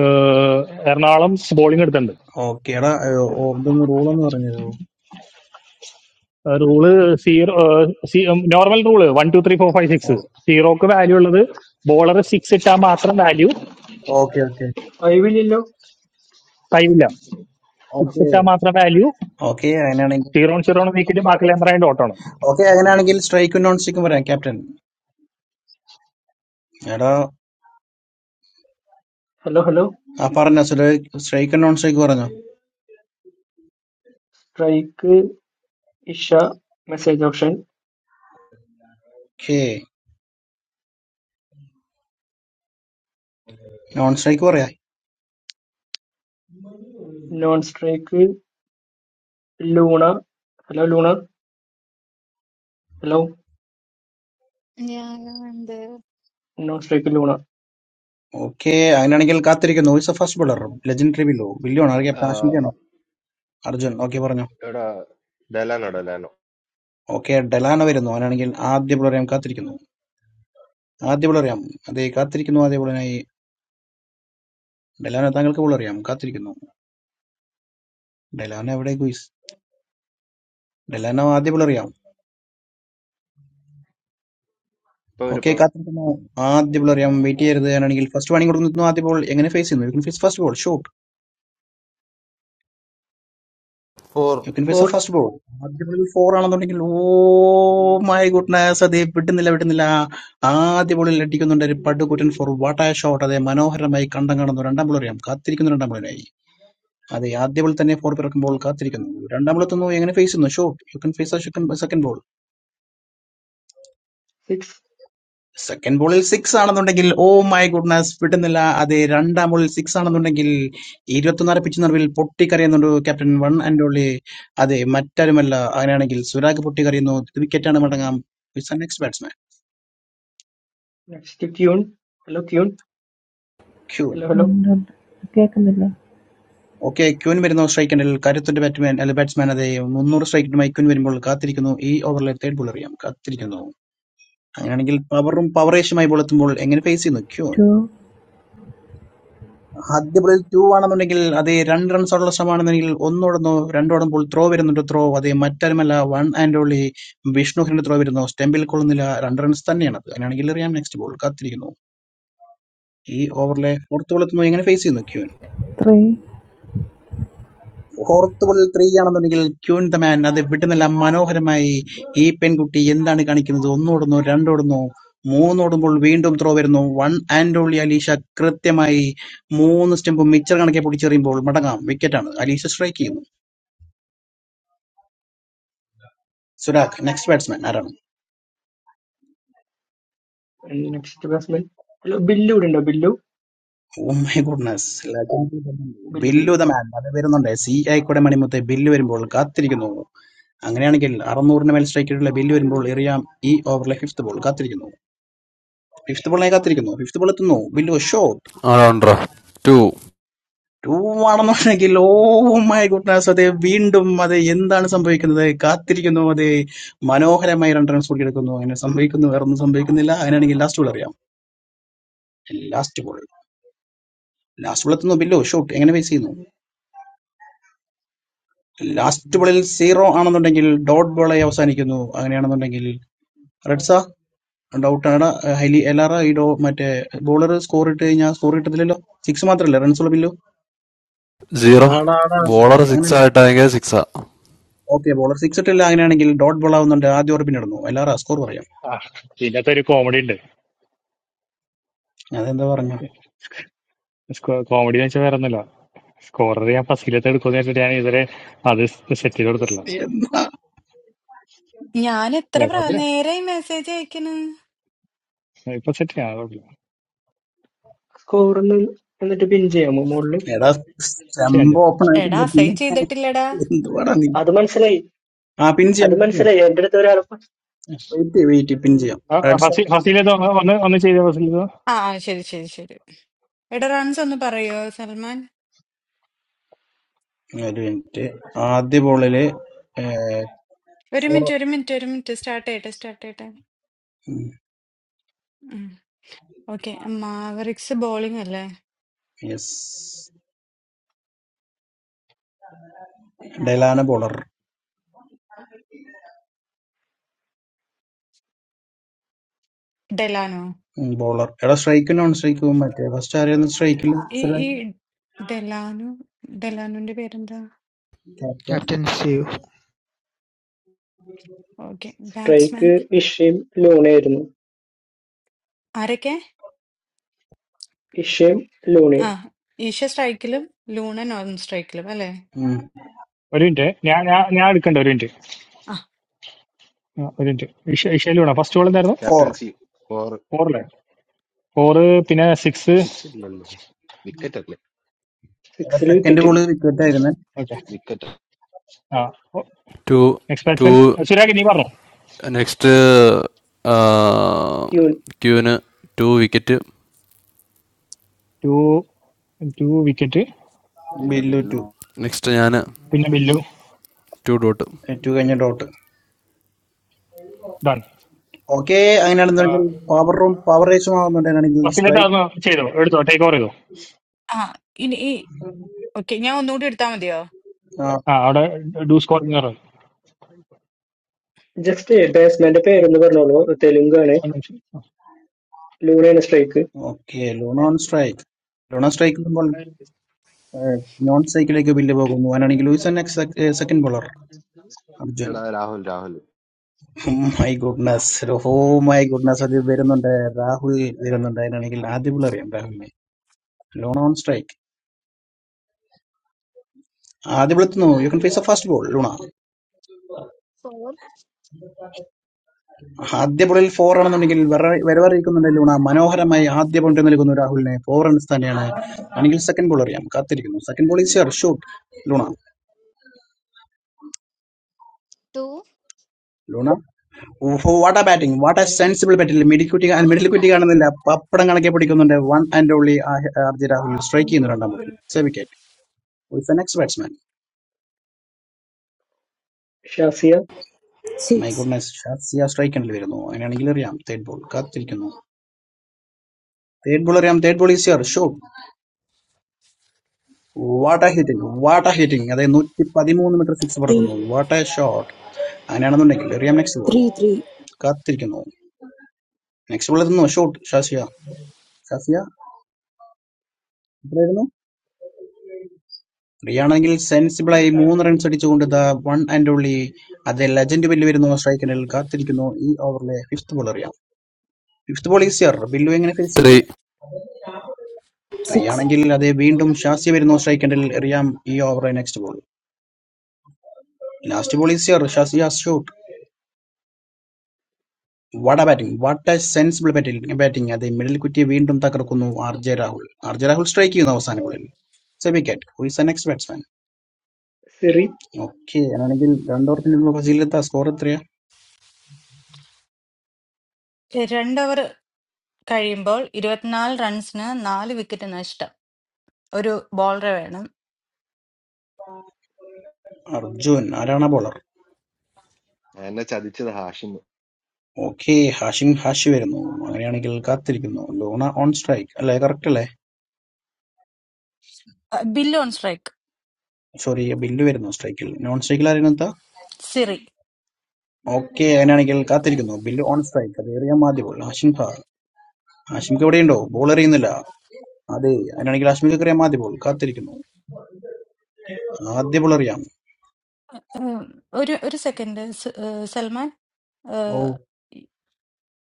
Speaker 10: ഏഹ്, എറണാകുളം ബോളിംഗ് എടുത്തിട്ടുണ്ട്
Speaker 2: ഓക്കെ എടാ ഏ, ഓ, ഇതൊന്ന് റൂളൊന്ന് പറഞ്ഞു തരുമോ
Speaker 10: rule zero normal rule one two three four five six സീറോക്ക് വാല്യൂ ഉള്ളത് ബോളർ സിക്സ് ഇട്ടാൽ മാത്രം വാല്യൂ
Speaker 2: ഓക്കെ ഓക്കെ
Speaker 1: ഫൈവ് ഇല്ലല്ലോ
Speaker 10: ഫൈവ് ഇല്ല സിക്സ്
Speaker 2: ഓക്കെ
Speaker 10: ഇട്ടാൽ മാത്രം വാല്യൂ
Speaker 2: ഓക്കെ അങ്ങനെയാണെങ്കിൽ
Speaker 10: സീറോ സീറോ നീക്കിട്ട് ബാക്കി ലെമ്പറായിട്ട് ഓട്ടമാണ്
Speaker 2: ഓക്കെ അങ്ങനെയാണെങ്കിൽ സ്ട്രൈക്കും നോൺ സ്ട്രൈക്കും പറയാം ക്യാപ്റ്റൻ എടാ
Speaker 1: ഹലോ ഹലോ
Speaker 2: ആ പറഞ്ഞോ സ്ട്രൈക്ക് നോൺ സ്ട്രൈക്ക് പറഞ്ഞോ
Speaker 1: strike Isha message option
Speaker 2: okay non strike പറയാ
Speaker 1: non strike Luna hello Luna hello
Speaker 12: Yeah, yeah, I'm there.
Speaker 1: Non strike Luna
Speaker 2: okay അങ്ങനെയാണെങ്കിൽ കാത്തിരിക്കുന്നു വോയിസ് ഫസ്റ്റ് ബോളർ ലെജൻഡറി ബില്ലോ ബില്ലിയോ ആണ്
Speaker 9: ആ,
Speaker 2: ക്യാപ്റ്റൻ ആശംകയാണോ അർജുൻ ഓക്കെ പറഞ്ഞോ
Speaker 9: എടാ ഡെലാനോ ഡെലാനോ
Speaker 2: ഓക്കെ ഡെലാനോ വരുന്നു അങ്ങനെയാണെങ്കിൽ ആദ്യ ബോളർ ഞാൻ കാത്തിരിക്കുന്നു ആദ്യ ബോളർ അറിയാം അതെ കാത്തിരിക്കുന്നു ആദ്യ ബോളറിനായി ഡെലാനോ താങ്കൾക്ക് ബോൾ അറിയാം കാത്തിരിക്കുന്നു ഡെലാനോ എവിടെ ഗുയിസ് ഡെലാനോ ആദ്യ ബോൾ അറിയാം
Speaker 9: ഇപ്പൊ ഒരു
Speaker 2: ഓക്കെ കാത്തിരിക്കുന്നു ആദ്യ ബോൾ അറിയാം വെയിറ്റ് ചെയ്യരുത് അങ്ങനെയാണെങ്കിൽ ഫസ്റ്റ് വാണിംഗ് കൊടുക്കുന്നു ആദ്യ ബോൾ എങ്ങനെ ഫേസ് ചെയ്യുന്നു face first ball show
Speaker 7: four
Speaker 2: you can
Speaker 1: four
Speaker 2: face first ball ആദ്യ ബോളിൽ ഫോർ ആണെന്നുണ്ടെങ്കിൽ ഓ മൈ ഗുഡ്നസ് അതേ വിട്ടുന്നില്ല വിട്ടുന്നില്ല ആദ്യ ബോളിൽ അടിക്കുന്നുണ്ട് ഒരു പടുകുറ്റൻ ഫോർ വാട്ടായ ഷോട്ട് അതേ മനോഹരമായി കണ്ടം കാണുന്നു രണ്ടാം ബോൾ അറിയാം കാത്തിരിക്കുന്നു രണ്ടാം ബോളിനായി അതെ ആദ്യ ബോൾ തന്നെ ഫോർ പിറക്കുമ്പോൾ കാത്തിരിക്കുന്നു രണ്ടാം ബോൾ എത്തുന്നു എങ്ങനെ ഫേസ് ചെയ്യുന്നു shot you can face second ball
Speaker 1: six
Speaker 2: second ബോളിൽ സിക്സ് ആണെന്നുണ്ടെങ്കിൽ ഓ മൈ ഗുഡ്നസ് വിടുന്നില്ല അതെ രണ്ടാം ബോളിൽ സിക്സ് ആണെന്നുണ്ടെങ്കിൽ ഇരുപത്തിനാല് പിച്ച് നിറവിൽ പൊട്ടിക്കറിയുന്നുണ്ട് ക്യാപ്റ്റൻ വൺ ആൻഡ് ഓൺലി അതെ മറ്റാരുമല്ല അങ്ങനെയാണെങ്കിൽ സുരാഗ് പൊട്ടിക്കറിയുന്നു വിക്കറ്റാണ് മടങ്ങാം next batsman
Speaker 1: next Queen hello Queen
Speaker 2: Queen
Speaker 1: hello hello
Speaker 13: One, okay, Kamila.
Speaker 2: Okay Queen വരുന്നു സ്ട്രൈക്കൻഡിൽ കരുത്തിന്റെ ബാറ്റ്മാൻ അല്ലെ ബാറ്റ്സ്മാൻ അതെ മുന്നൂറ് സ്ട്രൈക്കിനുമായി ക്യൂൻ വരുമ്പോൾ കാത്തിരിക്കുന്നു ഈ ഓവറിലെ തേർഡ് ബോൾ അറിയാം കാത്തിരിക്കുന്നു അങ്ങനെയാണെങ്കിൽ പവറും പവറേഷുമായി ബോൾ എത്തുമ്പോൾ എങ്ങനെ ഫേസ് ചെയ്യുന്നു ക്യൂൻ
Speaker 13: Two,
Speaker 2: ആദ്യബോളിൽ ടൂ ആണെന്നുണ്ടെങ്കിൽ അത് രണ്ട് റൺസ് ഉള്ള ശ്രമമാണെന്നുണ്ടെങ്കിൽ ഒന്നോടുന്നു രണ്ടോടുമ്പോൾ ത്രോ വരുന്നുണ്ട് ത്രോ അത് മറ്റാരുമല്ല വൺ ആൻഡ് ഓൺലി വിഷ്ണുഹിന്റെ ത്രോ വരുന്നു സ്റ്റെമ്പിൽ കൊള്ളുന്നില്ല രണ്ട് റൺസ് തന്നെയാണ് അത് അങ്ങനെയാണെങ്കിൽ എറിയാം നെക്സ്റ്റ് ബോൾ കാത്തിരിക്കുന്നു ഈ ഓവറിലെ ഫോർത്ത് ബോൾ എത്തുന്നു എങ്ങനെ ഫേസ് ചെയ്യുന്നു ക്യൂൻ
Speaker 13: three.
Speaker 2: ഫോർത്ത് ബോളിൽ ത്രീ ആണെന്നുണ്ടെങ്കിൽ ക്യൂൻ ദ മാൻ അത് വിട്ടുന്നില്ല മനോഹരമായി ഈ പെൺകുട്ടി എന്താണ് കാണിക്കുന്നത് ഒന്നോടുന്നു രണ്ടോടുന്നു മൂന്നോടുമ്പോൾ വീണ്ടും ത്രോ വരുന്നു വൺ ആൻഡ് ഓൺലി അലീഷ കൃത്യമായി മൂന്ന് സ്റ്റെമ്പും മിച്ചർ കണക്കെ പൊട്ടിച്ചെറിയുമ്പോൾ മടങ്ങാം വിക്കറ്റാണ് അലീഷ സ്ട്രൈക്ക് ചെയ്യുന്നു സുരാഖ് നെക്സ്റ്റ് ബാറ്റ്സ്മാൻ ആരാണ്
Speaker 1: നെക്സ്റ്റ് ബാസ്മൻ ഹലോ ബില്ലു ഇവിടെ ഉണ്ടോ Billu
Speaker 2: oh my goodness
Speaker 1: Billu
Speaker 2: Billu
Speaker 1: Billu
Speaker 2: the man അത് വരുന്നുണ്ട് സി ആയിക്കോടെ മണിമുത്ത് ബില്ല് വരുമ്പോൾ കാത്തിരിക്കുന്നു അങ്ങനെയാണെങ്കിൽ അറുന്നൂറിന് മേൽ സ്ട്രൈക്ക് ഉള്ള ബില്ല് വരുമ്പോൾ എറിയാം ഈ ഓവറിലെ ഫിഫ്ത് ബോൾ കാത്തിരിക്കുന്നു ഫിഫ്ത് ബോളിനെ കാത്തിരിക്കുന്നു ഫിഫ്ത് ബോൾ എത്തുന്നു ബില്ലു ഷോട്ട്
Speaker 7: ആളാണ്ട്രാ ടു
Speaker 2: ടൂ ആണെന്നുണ്ടെങ്കിൽ ഓ മൈ ഗുഡ്നസ് അതെ വീണ്ടും അതെ എന്താണ് സംഭവിക്കുന്നത് കാത്തിരിക്കുന്നു അതെ മനോഹരമായി രണ്ട് റൺസ് കൂടിയെടുക്കുന്നു അങ്ങനെ സംഭവിക്കുന്നു വേറൊന്നും സംഭവിക്കുന്നില്ല അങ്ങനെയാണെങ്കിൽ ലാസ്റ്റ് ബോൾ അറിയാം ലാസ്റ്റ് ബോൾ ലാസ്റ്റ് ബോൾ എത്തുന്നു ബില്ലു ഷോട്ട് എങ്ങനെ ഫേസ് ചെയ്യുന്നു ലാസ്റ്റ് ബോളിൽ സീറോ ആണെന്നുണ്ടെങ്കിൽ ഡോട്ട് ബോളായി അവസാനിക്കുന്നു അങ്ങനെയാണെന്നുണ്ടെങ്കിൽ റെഡ്സ ഡൗട്ടാണ് ഹൈലി എല്ലാറ ഈ ഡോ മറ്റേ ബോളർ സ്കോർ ഇട്ട് കഴിഞ്ഞാൽ സ്കോർ കിട്ടത്തില്ലല്ലോ സിക്സ് മാത്രമല്ലേ റൺസ് ഉള്ള ബില്ലു
Speaker 7: സീറോ ബോളർ സിക്സ്
Speaker 2: അങ്ങനെയല്ല
Speaker 7: ആയിട്ടാണെങ്കിൽ സിക്സാ
Speaker 2: ഓക്കെ ബോളർ സിക്സ് ഇട്ടില്ല അങ്ങനെയാണെങ്കിൽ ഡോട്ട് ബോൾ ആവുന്നുണ്ട് ആദ്യ ഓർപ്പിന് ഇടുന്നു എല്ലാറ സ്കോർ പറയാം
Speaker 10: ആ ഇതിനകത്ത് ഒരു കോമഡി ഉണ്ട്
Speaker 2: അതെന്താ പറഞ്ഞു
Speaker 10: കോമഡി എന്ന് വെച്ചാൽ വേറെ ഒന്നുമില്ല സ്കോറർ ഞാൻ ഫസ്റ്റിലത്തെ എടുക്കുമെന്ന് വെച്ചിട്ട് ഞാൻ ഇതുവരെ അത് സെറ്റ് ചെയ്ത് കൊടുത്തിട്ടില്ല
Speaker 2: എന്താ
Speaker 6: ഞാൻ എത്ര
Speaker 10: അല്ല
Speaker 6: പ്രാ
Speaker 10: കുഴപ്പമില്ല
Speaker 6: നേരായി മെസ്സേജ് അയക്കണ്
Speaker 10: ഇപ്പൊ സെറ്റ് ചെയ്യാം കുഴപ്പമില്ല
Speaker 1: സ്കോർ എന്നിട്ട് പിൻ ചെയ്യാമോ മുകളിൽ
Speaker 2: എടാ
Speaker 10: ചെയ്യാം
Speaker 2: സ്റ്റംപ്
Speaker 10: ചെയ്യാം
Speaker 2: ഓപ്പൺ
Speaker 6: എടാ
Speaker 2: ആയിട്ടുണ്ട്
Speaker 6: അസൈൻ
Speaker 2: പിന്നെ
Speaker 6: ചെയ്തിട്ടില്ലടാ
Speaker 2: എന്തുവാടാ നീ
Speaker 1: അത് മനസ്സിലായി
Speaker 2: ആ പിൻ ചെയ്യാം
Speaker 1: അത്
Speaker 2: പിൻ ചെയ്യാം
Speaker 1: മനസ്സിലായി എന്റെ അടുത്ത് ഒരാൾ
Speaker 2: വെയിറ്റ് വെയിറ്റ് പിൻ ചെയ്യാം
Speaker 10: ആ, ആ,
Speaker 2: റെഡ്സ
Speaker 10: ഫസി- ഫസീലത്ത് ഒന്ന് ഒന്ന് ഒന്ന് ചെയ്ത ഫസീലത്ത്
Speaker 6: ആ ആ, ശരി ശരി ശരി എടാ റൺസ് ഒന്ന് പറയോ സൽമാൻ
Speaker 2: ഒരു മിനിറ്റ് ആദ്യ ബോളില്
Speaker 6: ഒരു
Speaker 2: ഫോർ
Speaker 6: മിനിറ്റ് ഒരു മിനിറ്റ് ഒരു മിനിറ്റ് സ്റ്റാർട്ട് ചെയ്യട്ടെ സ്റ്റാർട്ട് ചെയ്യട്ടെ ഓക്കെ മാവറിക്സ് ബോളിംഗ് അല്ലേ
Speaker 2: യെസ് ഡെലാന ബോളർ
Speaker 6: ഡെലാനോ
Speaker 2: ബോളർ എടാ സ്ട്രൈക്കും നോൺ സ്ട്രൈക്കും മറ്റേ ഫസ്റ്റ് ആരായിരുന്നു സ്ട്രൈക്കിൽ
Speaker 6: ഈ ഈ ഡെലാനോ ഡെലാനോന്റെ പേരെന്താ
Speaker 2: captain
Speaker 5: Captain, see you.
Speaker 6: Okay batsman
Speaker 1: strike ഇഷയും ലൂണയായിരുന്നു
Speaker 6: ആരൊക്കെ
Speaker 1: ഇഷയും ലൂണയും
Speaker 6: ആ ഈശ സ്ട്രൈക്കിലും ലൂണൻ ഓൺ സ്ട്രൈക്കിലും അല്ലേ
Speaker 10: ഒരു മിനിറ്റ് ഞാൻ ഞാൻ ഞാൻ എടുക്കണ്ട ഒരു മിനിറ്റ്
Speaker 6: ആ
Speaker 10: ആ, ഒരു മിനിറ്റ് ഇഷ- ഇഷയില് വേണം ഫസ്റ്റ് ബോൾ എന്തായിരുന്നു
Speaker 2: ഫോർ
Speaker 9: ക്യാപ്റ്റൻസി ഫോർ
Speaker 10: ഫോറല്ലേ ഫോറ് പിന്നെ സിക്സ്
Speaker 9: സിക്സ് ഇല്ലല്ലോ വിക്കറ്റ്
Speaker 2: എടാ
Speaker 1: സിക്സിൽ
Speaker 2: സെക്കൻഡ്
Speaker 1: വിക്കറ്റ്
Speaker 2: ബോൾ വിക്കറ്റ് ആയിരുന്നു
Speaker 10: ഓക്കെ
Speaker 9: അല്ലേ
Speaker 10: ആ
Speaker 7: two
Speaker 10: next batsman
Speaker 7: two
Speaker 10: Surag നീ പറഞ്ഞു
Speaker 7: നെക്സ്റ്റ്
Speaker 1: ക്യൂൻ
Speaker 7: ക്യൂവിന് two wicket
Speaker 10: two two wicket
Speaker 9: പിന്നെ
Speaker 2: ബില്ലു ടു
Speaker 9: ബില്ലു
Speaker 7: നെക്സ്റ്റ് ഞാൻ
Speaker 10: പിന്നെ ബില്ലു
Speaker 7: ടു ഡോട്ട്
Speaker 2: ടു കഴിഞ്ഞ ഡോട്ട്
Speaker 10: ഡൺ
Speaker 2: ഓക്കെ അങ്ങനെയാണെന്നുണ്ടെങ്കിൽ പവർ റൂം പവർ റേസും ആവുന്നുണ്ടെങ്കിൽ
Speaker 10: ഫസീലത്ത്
Speaker 2: സ്ട്രൈക്ക്
Speaker 10: അതൊന്ന് ചെയ്തോ എടുത്തോ ടേക്ക് ഓവർ ചെയ്തോ
Speaker 6: ആ ഇനി ഈ ഓക്കെ ഞാൻ ഒന്നുകൂടി എടുത്താൽ മതിയോ
Speaker 2: ആ
Speaker 10: ആ അവിടെ ഡു സ്കോറിംഗ്
Speaker 1: ജസ്റ്റ് ബാറ്റ്സ്മാന്റെ പേരെന്ന് പറഞ്ഞോളൂ തെലുങ്കാണ്
Speaker 10: ഒരു നിമിഷം.
Speaker 1: ലൂണയാണ് strike
Speaker 2: okay Luna on strike Luna on strike non സ്ട്രൈക്കിലേക്ക് ബില്ല് പോകുന്നു അവനാണെങ്കിൽ ലൂയിസ് സെക്കൻഡ് ബോളർ അർജുൻ
Speaker 9: എടാ Rahul Rahul
Speaker 2: my goodness oh my goodness അത് വരുന്നുണ്ട് രാഹുൽ വരുന്നുണ്ട് അതിനാണെങ്കിൽ ആദ്യ ബോൾ അറിയാം രാഹുലിനെ ലോൺ ഓൺ സ്ട്രൈക്ക് ആദ്യ ബോളെത്തുന്നു you can face a first ball Luna
Speaker 12: Four,
Speaker 2: ആദ്യ ബോളിൽ ഫോർ ആണെന്നുണ്ടെങ്കിൽ വരവറിയിക്കുന്നുണ്ട് ലൂണ മനോഹരമായി ആദ്യ പോയിന്റ് നൽകുന്നു രാഹുലിനെ ഫോർ റൺസ് തന്നെയാണ് ആണെങ്കിൽ സെക്കൻഡ് ബോൾ അറിയാം കാത്തിരിക്കുന്നു second ball is your shoot ലൂണ
Speaker 12: two,
Speaker 2: ലൂണ വാട്ട ബാറ്റിംഗ് വാട്ട സെൻസിബിൾ ബാറ്റിൽ മിഡിക്കുട്ടി മിഡിൽ കുട്ടി കാണുന്നില്ല പപ്പടം കണക്കെ പിടിക്കുന്നുണ്ട് one and only R J Rahul strike ചെയ്യുന്നു രണ്ടാം ബോളിൽ സേ wicket
Speaker 1: Shazia
Speaker 2: my
Speaker 14: Six
Speaker 2: goodness Shazia സ്ട്രൈക്കണിൽ വരുന്നു അങ്ങനെയാണെങ്കിൽ അറിയാം തേർഡ് ബോൾ കാത്തിരിക്കുന്നു തേർഡ് ബോൾ അറിയാം third ball easier show what a hitting what a hitting അതായത് നൂറ്റി പതിമൂന്ന് മീറ്റർ സിക്സ്
Speaker 14: eight
Speaker 2: പറക്കുന്നു വാട്ട ഷോട്ട് അങ്ങനെയാണെന്നുണ്ടെങ്കിൽ എറിയാം next ball
Speaker 14: three three six.
Speaker 2: കാത്തിരിക്കുന്നു നെക്സ്റ്റ് ബോൾ എത്തുന്നു ഷോട്ട് ഷാസിയ ഷാസിയ എത്രയായിരുന്നു ത്രീ ആണെങ്കിൽ സെൻസിബിൾ ആയി മൂന്ന് റൺസ് അടിച്ചുകൊണ്ട് ദ വൺ ആൻഡ് ഓൺലി അതെ ലെജൻഡ് ബില്ല് വരുന്നു സ്ട്രൈക്കിനിൽ കാത്തിരിക്കുന്നു ഈ ഓവറിലെ ഫിഫ്ത് ബോൾ അറിയാം ഫിഫ്ത് ബോൾ ഈസിയർ ബില്ലു എങ്ങനെ ഫേസ്
Speaker 7: ത്രീ
Speaker 2: ചെയ്യുന്നു ത്രീയാണെങ്കിൽ അതെ വീണ്ടും ഷാസി വരുന്നു സ്ട്രൈക്കൻഡിൽ എറിയാം ഈ over next ball last ball is your Shazi has shoot what a batting what a sensible batting batting അതെ മിഡിൽ കുറ്റി വീണ്ടും തകർക്കുന്നു R J Rahul R J Rahul strike ചെയ്യുന്നു അവസാന ബോളിൽ സെമി കാറ്റ് who is next batsman
Speaker 1: Siri
Speaker 2: okay അങ്ങനെയാണെങ്കിൽ രണ്ടോർത്തിനുള്ള ഫസീലത്ത സ്കോർ എത്രയാ
Speaker 6: രണ്ട് ഓവർ കഴിയുമ്പോൾ ഇരുപത്തിനാല് റൺസിന് നാല് വിക്കറ്റ് നഷ്ടം ഒരു ബോളറെ വേണം
Speaker 2: അർജുൻ ആരാണ് ബോളർ
Speaker 9: എന്നെ ചതിച്ചത് ഹാഷിമ്
Speaker 2: ഓക്കെ ഹാഷിം ഹാഷി വരുന്നു അങ്ങനെയാണെങ്കിൽ കാത്തിരിക്കുന്നു ലൂണ ഓൺ സ്ട്രൈക്ക് അല്ലേ കറക്റ്റ് അല്ലേ
Speaker 6: Billu on strike
Speaker 2: sorry Billu വരുന്നു സ്ട്രൈക്കിൽ നോൺ സ്ട്രൈക്കിൽ ആരെന്നെത്താ
Speaker 6: സിറി
Speaker 2: ഓക്കേ അങ്ങനെയാണെങ്കിൽ കാത്തിരിക്കുന്നു ബില്ല് ഓൺ സ്ട്രൈക്ക് അത് ഏറിയ ആദ്യ ബോൾ ഹാഷിം ഖാൻ ഹാഷിംക്ക് എവിടെയുണ്ടോ ബോൾ എറിയുന്നില്ല അതെ അങ്ങനെയാണെങ്കിൽ ഹാഷ്മിക്ക് എറിയാം ആദ്യ ബോൾ കാത്തിരിക്കുന്നു ആദ്യ ബോൾ എറിയാം
Speaker 6: ഉം, ഒരു ഒരു സെക്കൻഡ് സ്- ഏഹ് സൽമാൻ
Speaker 2: ഓ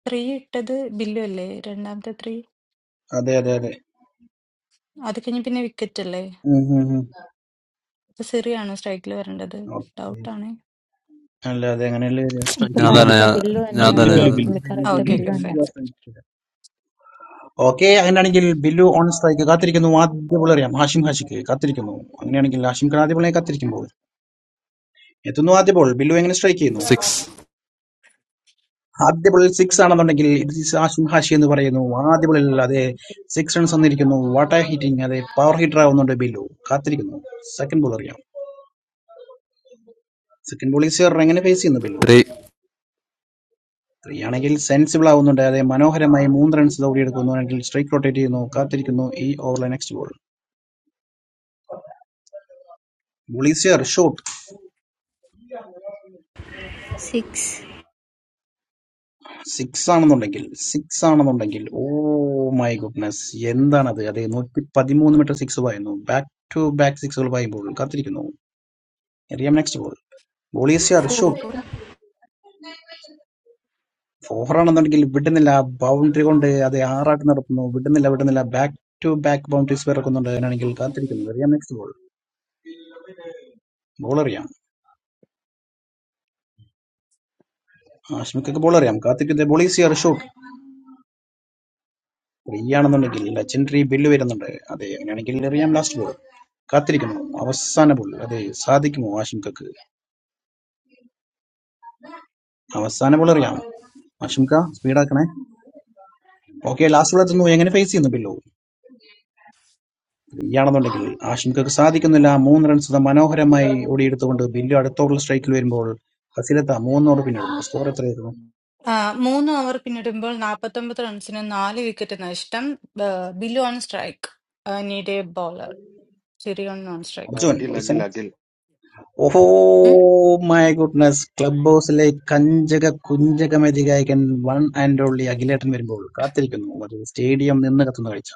Speaker 6: ത്രീ ഇട്ടത് ബില്ലു അല്ലേ രണ്ടാമത്തെ ത്രീ
Speaker 2: അതെ അതെ അതെ
Speaker 6: അത് കഴിഞ്ഞ് പിന്നെ വിക്കറ്റ് അല്ലേ
Speaker 2: ഉം, ഉം, ഉം.
Speaker 6: അപ്പൊ സിറിയാണോ സ്ട്രൈക്കിൽ വരേണ്ടത്
Speaker 2: ഓക്കേ.
Speaker 6: ഡൗട്ടാണ്
Speaker 2: അല്ല അതെ അങ്ങനെയല്ലേ വരിക.
Speaker 8: ഇപ്പൊ
Speaker 15: സ്ട്രൈക്കിൽ
Speaker 7: ഞാൻ
Speaker 15: ബില്ലു
Speaker 7: തന്നെ
Speaker 8: കറക്റ്റ്
Speaker 7: ഞാൻ-
Speaker 8: ബില്ല്
Speaker 7: ഞാൻ
Speaker 8: തന്നെയാണ്
Speaker 15: സ്ട്രൈക്കിൽ
Speaker 2: ബില്ല്
Speaker 7: തന്നെ
Speaker 8: ഇപ്പൊ
Speaker 7: ഞാൻ
Speaker 2: വരെ,
Speaker 15: ബില്ലു
Speaker 7: തന്നെ
Speaker 15: Billu
Speaker 2: Billu Billu
Speaker 8: correct
Speaker 6: okay
Speaker 2: Billu
Speaker 8: Billu
Speaker 6: okay
Speaker 8: തന്നെയാണ്.
Speaker 2: Billu
Speaker 6: fine
Speaker 2: on strike okay അങ്ങനെയാണെങ്കിൽ ബില്ലു ഓൺ സ്ട്രൈക്ക് കാത്തിരിക്കുന്നു ആദ്യ ബോൾ എറിയാം ഹാഷിം ഹാഷിക്ക് കാത്തിരിക്കുന്നു അങ്ങനെയാണെങ്കിൽ ഹാഷിം ഖാൻ ആദ്യ ബോളിനെ കാത്തിരിക്കുമ്പോൾ എത്തുന്നു ആദ്യ ബോൾ ബില്ലു എങ്ങനെ സ്ട്രൈക്ക് ചെയ്യുന്നു
Speaker 7: സിക്സ്
Speaker 2: ആദ്യ ബോളിൽ സിക്സ് ആണെന്നുണ്ടെങ്കിൽ ഇത് is ആസിം ഹാഷി എന്ന് പറയുന്നു ആദ്യ ബോളിൽ അതെ സിക്സ് റൺസ് വന്നിരിക്കുന്നു വാട്ട് എ ഹിറ്റിംഗ് അതെ പവർ ഹിറ്റർ ആവുന്നുണ്ട് ബില്ലു കാത്തിരിക്കുന്നു സെക്കൻഡ് ബോൾ അറിയാം സെക്കൻഡ് ബോളിൽ സിയർ എങ്ങനെ ഫേസ് ചെയ്യുന്നു ബില്ലു
Speaker 7: ത്രീ
Speaker 2: ത്രീ ആണെങ്കിൽ സെൻസിബിൾ ആവുന്നുണ്ട് അതെ മനോഹരമായി മൂന്ന് റൺസ് ഓടിയെടുക്കുന്നു അല്ലെങ്കിൽ സ്ട്രൈക്ക് റൊട്ടേറ്റ് ചെയ്യുന്നു കാത്തിരിക്കുന്നു ഈ ഓവറിലെ next ball ball is here shot
Speaker 16: six,
Speaker 2: six ആണെന്നുണ്ടെങ്കിൽ സിക്സ് ആണെന്നുണ്ടെങ്കിൽ ഓ മൈ ഗുഡ്നസ് എന്താണത് അതെ നൂറ്റി പതിമൂന്ന് മീറ്റർ സിക്സ് പായുന്നു ബാക്ക് ടു ബാക്ക് സിക്സുകൾ പായുമ്പോൾ കാത്തിരിക്കുന്നു എറിയാം next ball ball is here
Speaker 16: four,
Speaker 2: shot ഫോറാണെന്നുണ്ടെങ്കിൽ വിടുന്നില്ല ബൗണ്ടറി കൊണ്ട് അത് ആറാട്ട് നടക്കുന്നു വിടുന്നില്ല വിടുന്നില്ല ബാക്ക് ടു ബാക്ക് ബൗണ്ടറീസ് പിറക്കുന്നുണ്ട് അങ്ങനെയാണെങ്കിൽ കാത്തിരിക്കുന്നത് അറിയാം നെക്സ്റ്റ് ബോൾ ബോൾ അറിയാം ആഷ്മിക്കൊക്കെ ബോൾ അറിയാം കാത്തിരിക്കുന്നത് ബോളീസിയർ ഷോട്ട് ഫ്രീ ആണെന്നുണ്ടെങ്കിൽ ലെജൻഡറി ബില്ല് വരുന്നുണ്ട് അതെ അങ്ങനെയാണെങ്കിൽ അറിയാം ലാസ്റ്റ് ബോൾ കാത്തിരിക്കുന്നു അവസാന ബോൾ അതെ സാധിക്കുമോ ആഷിംഖക്ക് അവസാന ബോൾ അറിയാം ആഷിംഖ സ്പീഡാക്കണേ ഓക്കെ ലാസ്റ്റ് ബോൾ എത്തുന്നു എങ്ങനെ ഫേസ് ചെയ്യുന്നു ബില്ലു യാണെന്നുണ്ടെങ്കിൽ ആശംകക്ക് സാധിക്കുന്നില്ല മൂന്ന് റൺസ് ഇത് മനോഹരമായി ഓടിയെടുത്തുകൊണ്ട് ബില്ലു അടുത്ത ഓവറിൽ സ്ട്രൈക്കിൽ വരുമ്പോൾ ഫസിലത്ത മൂന്നോട് പിന്നിടുന്നു സ്കോർ എത്രയായിരുന്നു
Speaker 6: ആ, മൂന്ന് ഓവർ പിന്നിടുമ്പോൾ നാൽപ്പത്തൊമ്പത് റൺസിന് നാല് വിക്കറ്റ് നഷ്ടം ബ- Billu on strike need a bowler Siri on non strike
Speaker 2: Arjun
Speaker 9: Akhil
Speaker 2: ഒയ്സൻ
Speaker 9: അഖിൽ അഖിൽ
Speaker 2: ഓഹോ മൈ ഗുഡ്നസ് ക്ലബ് ഹൗസിലെ കഞ്ചക കുഞ്ചക മെതികായകൻ വൺ ആൻഡ് ഓൺലി അഖിലേട്ടൻ വരുമ്പോൾ കാത്തിരിക്കുന്നു അത് സ്റ്റേഡിയം നിന്ന് കത്തുന്ന കാഴ്ച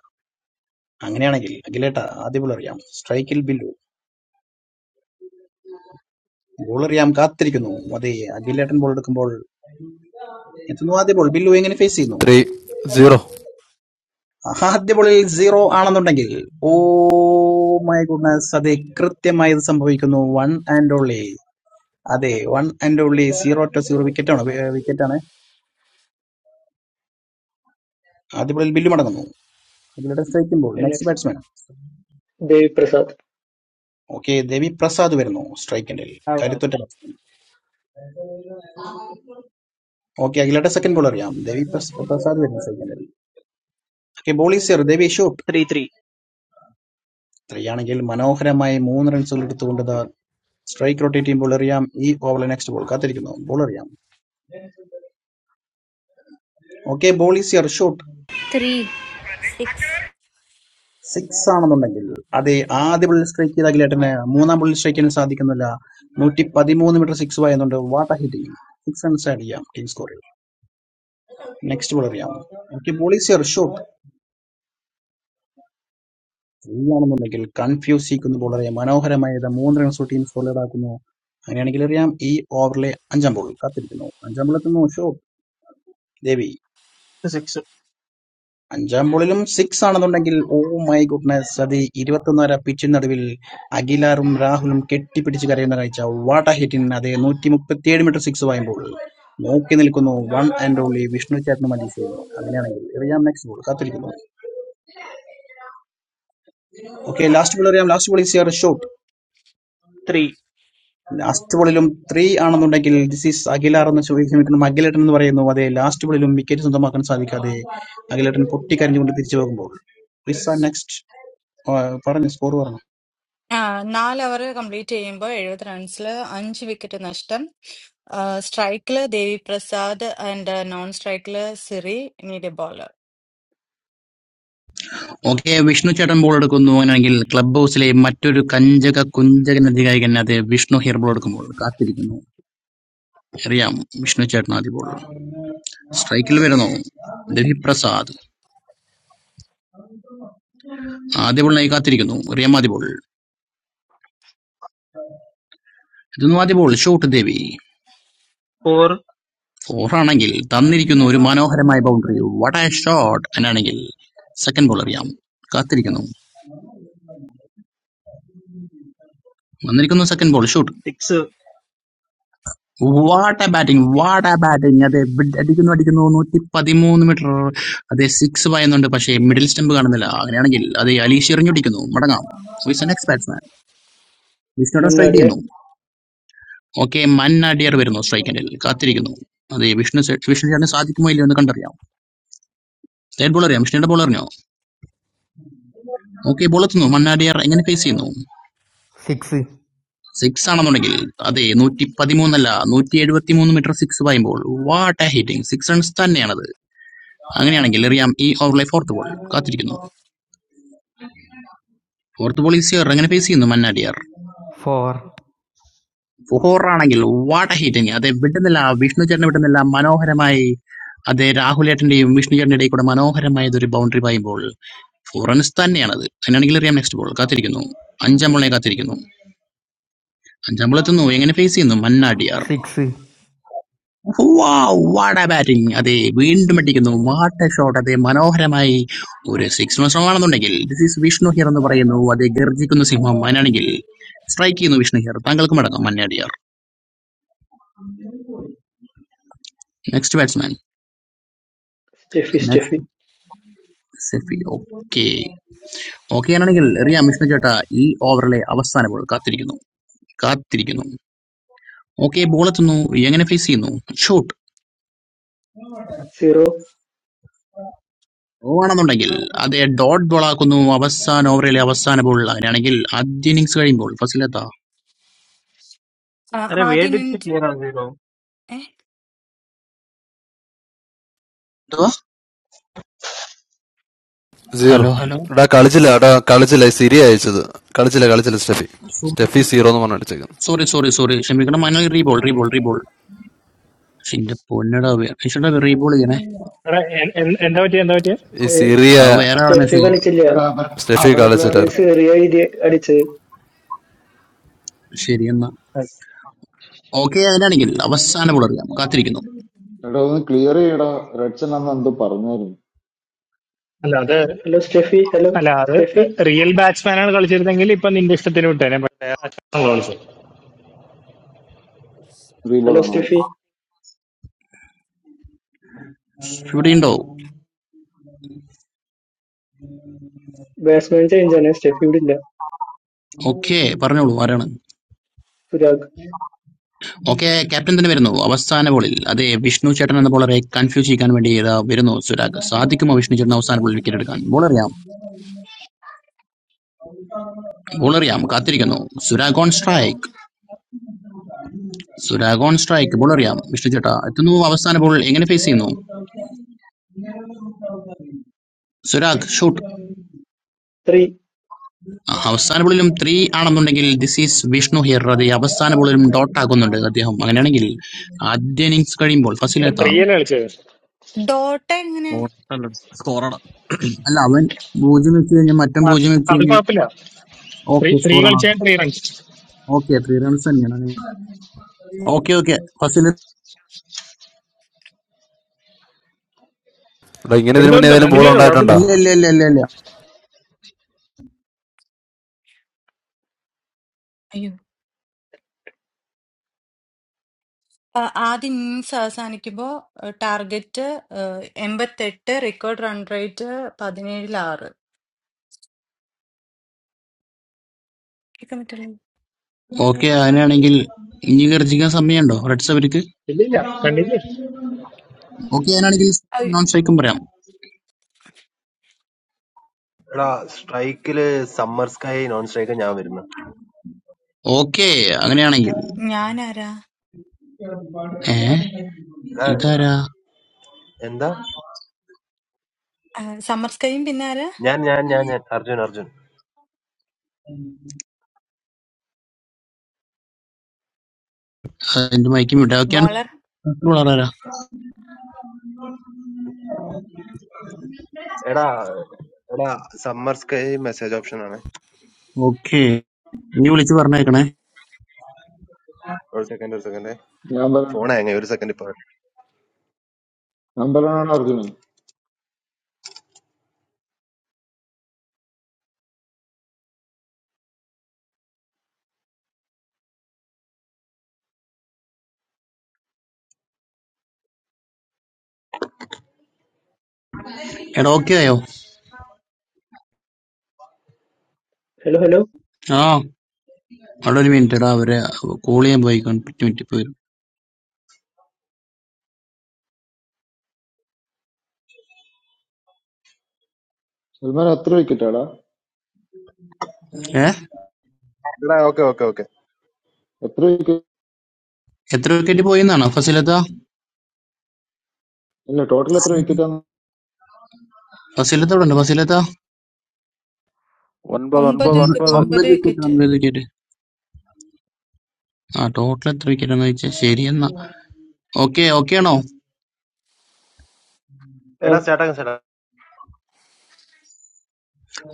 Speaker 2: അങ്ങനെയാണെങ്കിൽ അഖിലേട്ട ആദ്യ ബോൾ അറിയാം സ്ട്രൈക്കിൽ ബില്ലു ബോൾ അറിയാം കാത്തിരിക്കുന്നു അതെ അഖിലേട്ടൻ ബോൾ എടുക്കുമ്പോൾ എത്തുന്നു ആദ്യ ബോൾ ബില്ലു എങ്ങനെ ഫേസ് ചെയ്യുന്നു
Speaker 7: ത്രീ സീറോ
Speaker 2: ആദ്യ ബോളിൽ സീറോ ആണെന്നുണ്ടെങ്കിൽ ഓ മൈ ഗുഡ്നസ് അതെ കൃത്യമായി ഇത് സംഭവിക്കുന്നു വൺ ആൻഡ് ഓൺലി അതെ one and only zero two zero വിക്കറ്റാണ് വിക്കറ്റാണ് ആദ്യ ബോളിൽ ബില്ല് മടങ്ങുന്നു അഖിലയുടെ സ്ട്രൈക്കുമ്പോൾ next
Speaker 1: next
Speaker 2: batsman
Speaker 1: Devi Prasad
Speaker 2: okay Ravi Prasad വരുന്നു സ്ട്രൈക്കിന്റെ കരുത്തുറ്റ ബാറ്റ്സ്മാൻ ഓക്കെ അഖിലയുടെ സെക്കൻഡ് ബോൾ അറിയാം രവി പ്രസ്- പ്രസാദ് വരുന്നു സ്ട്രൈക്കിന്റെ okay ball is here Ravi shot
Speaker 17: Three, three,
Speaker 2: three ആണെങ്കിൽ മനോഹരമായി മൂന്ന് റൺസുകൾ എടുത്തുകൊണ്ട് സ്ട്രൈക്ക് റൊട്ടേറ്റ് ചെയ്യുമ്പോൾ അറിയാം ഈ ഓവറിലെ നെക്സ്റ്റ് ബോൾ കാത്തിരിക്കുന്നു ബോൾ അറിയാം okay ball is here shot
Speaker 16: three, six,
Speaker 2: six ആണെന്നുണ്ടെങ്കിൽ അത് ആദ്യ ബുള്ളറ്റ് സ്ട്രൈക്ക് ചെയ്ത അഖിലേട്ടന് മൂന്നാം ബുള്ളറ്റ് സ്ട്രൈക്കിന് സാധിക്കുന്നില്ല നൂറ്റി പതിമൂന്ന് മീറ്റർ സിക്സ് വായുന്നുണ്ട് what hitting six runs add ചെയ്യാം ടീം സ്കോറിൽ നെക്സ്റ്റ് ബോളർ ചെയ്യാം ഓക്കെ പോളിസിയർ ഷോട്ട് ത്രീ ആണെന്നുണ്ടെങ്കിൽ കൺഫ്യൂസ് ചെയ്യിക്കുന്ന ബോളറെ മനോഹരമായത് മൂന്ന് റൺസ് ടീം സ്കോറിലേഡ് ആക്കുന്നു അങ്ങനെയാണെങ്കിൽ അറിയാം ഈ ഓവറിലെ അഞ്ചാം ബോൾ കാത്തിരിക്കുന്നു അഞ്ചാം ബോൾ എത്തുന്നു ഷോട്ട് ദേവി
Speaker 17: six,
Speaker 2: അഞ്ചാം ബോളിലും സിക്സ് ആണെന്നുണ്ടെങ്കിൽ ഓ മൈ ഗുഡ്നസ് അത് ഇരുപത്തൊന്നര പിച്ചിന് നടുവിൽ അഖിലാറും രാഹുലും കെട്ടിപ്പിടിച്ച് കരയുന്ന കാഴ്ച വാട്ട ഹിറ്റിന് അതേ നൂറ്റി മുപ്പത്തിയേഴ് മീറ്റർ സിക്സ് വായുമ്പോൾ നോക്കി നിൽക്കുന്നു വൺ ആൻഡ് ഓൺലി വിഷ്ണു ചേട്ടനും അതിശയം അങ്ങനെയാണെങ്കിൽ എറിയാം നെക്സ്റ്റ് ബോൾ കാത്തിരിക്കുന്നു ഓക്കെ ലാസ്റ്റ് ബോൾ എറിയാം last ball is your shot
Speaker 17: three,
Speaker 2: last ബോളിലും ത്രീ ആണെന്നുണ്ടെങ്കിൽ ദിസ് ഈസ് അഖിലാർ എന്ന് ചോദിക്കുന്നു അഖിലേട്ടൻ എന്ന് പറയുന്നു അതേ ലാസ്റ്റ് ബോളിലും വിക്കറ്റ് സ്വന്തമാക്കാൻ സാധിക്കാതെ അഖിലേട്ടൻ പൊട്ടിക്കരഞ്ഞുകൊണ്ട് തിരിച്ചു പോകുമ്പോൾ നെക്സ്റ്റ് പറഞ്ഞു സ്കോർ പറഞ്ഞു
Speaker 6: നാല് ഓവർ കംപ്ലീറ്റ് ചെയ്യുമ്പോൾ എഴുപത് റൺസിൽ അഞ്ച് വിക്കറ്റ് നഷ്ടം സ്ട്രൈക്കിൽ ദേവി പ്രസാദ് ആൻഡ് നോൺ സ്ട്രൈക്കിൽ Siri need a bowler
Speaker 2: okay Vishnu ചേട്ടൻ ബോൾ എടുക്കുന്നു അങ്ങനെയാണെങ്കിൽ ക്ലബ് ഹൗസിലെ മറ്റൊരു കഞ്ചക കുഞ്ചകൻ അധികാരികൻ അത് വിഷ്ണു ഹിയർ ബോൾ എടുക്കുമ്പോൾ കാത്തിരിക്കുന്നു അറിയാം വിഷ്ണു ചേട്ടൻ ആദ്യ ബോൾ സ്ട്രൈക്കിൽ വരുന്നു രവി പ്രസാദ് ആദ്യ ബോളിനായി കാത്തിരിക്കുന്നു റിയാം ആദ്യ ബോൾ ഇതൊന്നും ആദ്യ ബോൾ ഷോട്ട് ദേവി
Speaker 17: four,
Speaker 2: ഫോറാണെങ്കിൽ തന്നിരിക്കുന്നു ഒരു മനോഹരമായ ബൗണ്ടറി വട ഷോട്ട് എന്നാണെങ്കിൽ സെക്കൻഡ് ബോൾ അറിയാം കാത്തിരിക്കുന്നു വന്നിരിക്കുന്നു second ball shoot
Speaker 17: six.
Speaker 2: What batting what batting അതെ ബിഡ് അടിക്കുന്നു അടിക്കുന്നു നൂറ്റി പതിമൂന്ന് മീറ്റർ അതെ സിക്സ് പായുന്നുണ്ട് പക്ഷേ മിഡിൽ സ്റ്റംപ് കാണുന്നില്ല അങ്ങനെയാണെങ്കിൽ അതെ അലീഷ് എറിഞ്ഞൊടിക്കുന്നു മടങ്ങാം വിസ് നെക്സ്റ്റ് ബാറ്റ്സ്മാൻ വിഷ്ണുടെ സ്ട്രൈക്ക്
Speaker 1: മണ്ണാടിയാർ
Speaker 2: ചെയ്യുന്നു ഓക്കെ മന്ന അടിയർ വരുന്നു സ്ട്രൈക്കിന്റെ കാത്തിരിക്കുന്നു അതെ വിഷ്ണു സെ- വിഷ്ണു ചേട്ടന് സാധിക്കുമോ ഇല്ലയോ എന്ന് കണ്ടറിയാം തേർഡ് ബോൾ അറിയാം വിഷ്ണുയുടെ ബോൾ അറിഞ്ഞോ ഓക്കെ ബോൾ എത്തുന്നു മന്നാടിയർ എങ്ങനെ ഫേസ് ചെയ്യുന്നു
Speaker 18: six
Speaker 2: സിക്സ് ആണെന്നുണ്ടെങ്കിൽ അതെ നൂറ്റി പതിമൂന്നല്ല നൂറ്റി എഴുപത്തി മൂന്ന് മീറ്റർ സിക്സ് പായുമ്പോൾ what a hitting six runs തന്നെയാണത് അങ്ങനെയാണെങ്കിൽ എറിയാം ഈ ഓവറിലെ ഫോർത്ത് ബോൾ കാത്തിരിക്കുന്നു ഫോർത്ത് ബോൾ ഈസി അങ്ങനെ ഫേസ് ചെയ്യുന്നു മന്നാടിയാർ
Speaker 18: four
Speaker 2: ഫോറാണെങ്കിൽ വാട്ട ഹീറ്റിങ് അതെ വിട്ടുന്നില്ല വിഷ്ണു ചേട്ടനെ വിട്ടുന്നില്ല മനോഹരമായി അതെ രാഹുലേട്ടന്റെയും വിഷ്ണു ചേട്ടന്റെ ഇടയിൽ കൂടെ മനോഹരമായത് ഒരു ബൗണ്ടറി പായുമ്പോൾ ഫോറൻസ് തന്നെയാണത് അങ്ങനെയാണെങ്കിൽ എറിയാം നെക്സ്റ്റ് ബോൾ കാത്തിരിക്കുന്നു അഞ്ചാം ബോളിനെ കാത്തിരിക്കുന്നു അഞ്ചാം ബോൾ എത്തുന്നു എങ്ങനെ ഫേസ് ചെയ്യുന്നു മന്നാടിയാർ
Speaker 18: six
Speaker 2: വാട്ട ബാറ്റിംഗ് അതെ വീണ്ടും അടിക്കുന്നു വാട്ട ഷോട്ട് അതെ മനോഹരമായി ഒരു സിക്സ് മത്സരമാണെന്നുണ്ടെങ്കിൽ ദിസ് ഈസ് വിഷ്ണു ഹിയർ എന്ന് പറയുന്നു അതെ ഗർജിക്കുന്ന സിംഹം അതിനാണെങ്കിൽ സ്ട്രൈക്ക് ചെയ്യുന്നു വിഷ്ണു ഹിയർ താങ്കൾക്ക് മടങ്ങും Mannadiyar next batsman
Speaker 1: Stephy Stephy
Speaker 2: Stephy okay okay ആണെങ്കിൽ റിയാം വിഷ്ണു ചേട്ടാ ഈ ഓവറിലെ അവസാന ബോൾ കാത്തിരിക്കുന്നു കാത്തിരിക്കുന്നു ഓക്കെ ബോൾ എത്തുന്നു എങ്ങനെ ഫേസ് ചെയ്യുന്നു ഷൂട്ട്
Speaker 1: സീറോ
Speaker 2: ആണെന്നുണ്ടെങ്കിൽ അതെ ഡോട്ട് ബോൾ ആക്കുന്നു അവസാന ഓവറിലെ അവസാന ബോൾ അങ്ങനെയാണെങ്കിൽ ആദ്യ ഇന്നിങ്സ് കഴിയുമ്പോൾ ഫസിലെത്താ
Speaker 17: Arey, where
Speaker 6: ആദ്യം
Speaker 17: did she clear on zero?
Speaker 7: Zero
Speaker 2: hello hello
Speaker 7: എടാ കളിച്ചില്ല എടാ കളിച്ചില്ല ഈ സിരി അയച്ചത് കളിച്ചില്ല കളിച്ചില്ല സ്റ്റെഫി സ്റ്റെഫി സീറോ എന്ന് പറഞ്ഞു അടിച്ചേക്കുന്നു
Speaker 2: സോറി സോറി സോറി ക്ഷമിക്കണം മനോ റീബോൾ റീബോൾ റീബോൾ എന്റെ പൊന്നടാ ചേട്ടാ റീബോൾ ചെയ്യണേ
Speaker 10: എടാ, എ- എ- എന്താ പറ്റിയ എന്താ പറ്റിയ
Speaker 7: ഈ
Speaker 1: ഏർ,
Speaker 7: സിറിയ
Speaker 2: ആ വേറെ ആളെ
Speaker 1: സ്റ്റെഫി
Speaker 2: മെസ്സേജ്
Speaker 1: കളിച്ചില്ല
Speaker 4: എടാ, അവരെ
Speaker 7: സ്റ്റെഫി
Speaker 4: അവരെ
Speaker 1: അത്
Speaker 4: പ്ലെയർ
Speaker 7: കളിച്ചിട്ടായിരുന്നു
Speaker 1: സിറിയ എഴുതി അടിച്ചത്
Speaker 2: ശരി എന്നാ ഓക്കെ അതിനാണെങ്കിൽ അവസാന ബോൾ അറിയാം കാത്തിരിക്കുന്നു
Speaker 4: എടാ ഒന്ന് ക്ലിയർ ചെയ്യടാ റെഡ്സൺ അന്ന് എന്തോ പറഞ്ഞായിരുന്നു
Speaker 10: അല്ല അത്
Speaker 1: ഹലോ സ്റ്റെഫി ഹലോ
Speaker 10: അല്ല അത്
Speaker 1: സ്റ്റെഫി
Speaker 10: റിയൽ ബാറ്റ്സ്മാൻ ആണ് കളിച്ചിരുന്നെങ്കിൽ ഇപ്പൊ നിന്റെ ഇഷ്ടത്തിന് വിട്ടേനെ
Speaker 4: റീബോ
Speaker 1: ഹലോ
Speaker 4: ആണോ ഓക്കെ
Speaker 1: സ്റ്റെഫി
Speaker 2: ഇവിടെ ഉണ്ടോ
Speaker 1: ബാറ്റ്സ്മാൻ ചേഞ്ചാണ് ഷെഫീൽഡില്ല.
Speaker 2: ഓക്കെ പറഞ്ഞോളൂ ആരാണ്
Speaker 1: സുരാഗ്.
Speaker 2: ഓക്കെ ക്യാപ്റ്റൻ തന്നെ വരുന്നു അവസാന ബോളിൽ അതെ വിഷ്ണു ചേട്ടൻ എന്ന ബോളറെ കൺഫ്യൂസ് ചെയ്യാൻ വേണ്ടി ഇതാ വരുന്നു സുരാഗ് സാധിക്കുമോ വിഷ്ണു ചേട്ടൻ അവസാന ബോളിൽ വിക്കറ്റ് എടുക്കാൻ ബോൾ അറിയാം ബോൾ അറിയാം കാത്തിരിക്കുന്നു Surag on strike Surag on strike ball അറിയാം വിഷ്ണു ചേട്ടാ എത്തുന്നു അവസാന ബോൾ എങ്ങനെ ഫേസ് ചെയ്യുന്നു സുരാഗ് ഷൂട്ട്
Speaker 1: ത്രീ.
Speaker 2: അവസാന ബോളിലും ത്രീ ആണെന്നുണ്ടെങ്കിൽ ദിസ് ഈസ് വിഷ്ണു ഹിയർ അത് അവസാന ബോളിലും ഡോട്ട് ആക്കുന്നുണ്ട് അദ്ദേഹം അങ്ങനെയാണെങ്കിൽ ആദ്യ ഇന്നിങ്സ് കഴിയുമ്പോൾ
Speaker 10: ഇവിടെ
Speaker 2: ഫസിലെത്താ
Speaker 10: ത്രീ അല്ലേ കളിച്ചത്
Speaker 6: ഡോട്ട എങ്ങനെ
Speaker 15: സ്കോറടാ
Speaker 2: അല്ല അവൻ പൂജ്യം വെച്ച് കഴിഞ്ഞാൽ മറ്റൻ
Speaker 10: ആ,
Speaker 2: പൂജ്യം വെച്ച്
Speaker 10: അത്
Speaker 2: കഴിഞ്ഞാൽ
Speaker 10: കുഴപ്പമില്ല ത്രീ
Speaker 2: ഓക്കെ
Speaker 10: ത്രീ
Speaker 2: സ്കോർ ആണ്
Speaker 10: കളിച്ചാൽ three runs
Speaker 2: okay three runs തന്നെയാണ് ഓക്കെ ഓക്കെ ഫസിൽ
Speaker 7: എടാ ഇങ്ങനെ ഇതിന്
Speaker 10: എടുത്തോ
Speaker 7: മുന്നേ
Speaker 10: എടുത്തോ
Speaker 7: ഏതെങ്കിലും ബോൾ
Speaker 10: കണ്ടിന്യൂ ചെയ്തോ കുഴപ്പമില്ല
Speaker 7: ഉണ്ടായിട്ടുണ്ടോ
Speaker 2: ഇല്ല ഇല്ല ഇല്ല ഇല്ല ഇല്ല
Speaker 6: അയ്യോ ആ, ആദ്യ ഇന്നിങ്സ് അവസാനിക്കുമ്പോൾ ടാർഗറ്റ് എൺപത്തെട്ട് റെക്കോർഡ് റൺ റേറ്റ് പതിനേഴിൽ ആറ് വിക്രമിട്ടുള്ള
Speaker 2: ഓക്കെ അങ്ങനെയാണെങ്കിൽ ഇനി ഗർജിക്കാൻ സമയമുണ്ടോ റെഡ്സ് അവർക്ക്
Speaker 10: ഇല്ല ഇല്ല കണ്ടിന്യൂ
Speaker 2: ഓക്കെ അങ്ങനെയാണെങ്കിൽ
Speaker 6: അയ്യോ,
Speaker 2: നോൺ സ്ട്രൈക്കും പറയാം
Speaker 9: എടാ സ്ട്രൈക്കില് സമ്മർ സ്കൈ നോൺ സ്ട്രൈക്ക് ഞാൻ വരുന്നു
Speaker 2: ഓക്കെ അങ്ങനെയാണെങ്കിൽ
Speaker 6: ഞാനാരാ
Speaker 2: ഏ
Speaker 9: എടാ
Speaker 2: ഇതാരാ
Speaker 9: എന്താ
Speaker 6: ആ, സമ്മർ സ്കൈയും പിന്നെ ആരാ
Speaker 9: ഞാൻ ഞാൻ ഞാൻ ഞാൻ അർജുൻ അർജുൻ
Speaker 2: ആ, എന്റെ മൈക്കും വിടാ ഓക്കെയാണ്
Speaker 6: ബോളർ
Speaker 2: വളരാ
Speaker 9: എടാ എടാ സമ്മർ സ്കൈ മെസ്സേജ് ഓപ്ഷൻ ആണ്
Speaker 2: ഓക്കെ നീ വിളിച്ച് പറഞ്ഞേക്കണേ
Speaker 9: ഒരു സെക്കൻഡ് ഒരു സെക്കൻഡ്
Speaker 4: ഞാൻ പറയണം
Speaker 9: ഫോൺ ആയ ഒരു സെക്കൻഡ് ഇപ്പൊ
Speaker 4: ഞാൻ പറയണോ അർജുനൻ
Speaker 2: എടാ ഓക്കെ ആയോ
Speaker 1: ഹലോ ഹലോ.
Speaker 2: ആ അവിടെ ഒരു മിനിറ്റ് എടാ അവരെ കോൾ ചെയ്യാൻ പോയി പത്ത് മിനിറ്റ് പോയി
Speaker 4: സൽമാൻ എത്ര വിക്കറ്റാടാ
Speaker 2: ഏ
Speaker 9: എടാ ഓക്കെ ഓക്കെ ഓക്കെ
Speaker 4: എത്ര വിക്കറ്റ്
Speaker 2: എത്ര വിക്കറ്റ് പോയിന്നാണോ ഫസിലത്ത
Speaker 4: ഇല്ല ടോട്ടൽ എത്ര വിക്കറ്റാണ്
Speaker 2: ഫസിലത്ത അവിടെ ഉണ്ട് ഫസിലത്ത
Speaker 19: One bar, one bar,
Speaker 6: ഒമ്പത്
Speaker 19: one
Speaker 2: ഒമ്പ-
Speaker 6: വിക്കറ്റ്
Speaker 19: bar.
Speaker 6: ഒമ്പത്
Speaker 2: ഒമ്പത് വിക്കറ്റ്
Speaker 6: വിക്കറ്റ്
Speaker 2: ഒമ്പത് വിക്കറ്റ് ആ ടോട്ടൽ എത്ര വിക്കറ്റ് എന്ന് വെച്ചാൽ ശരി എന്നാ ഓക്കെ ഓക്കെ ആണോ
Speaker 1: ആ
Speaker 9: എടാ സ്റ്റാർട്ടാക്കാം സ്റ്റാർട്ടാ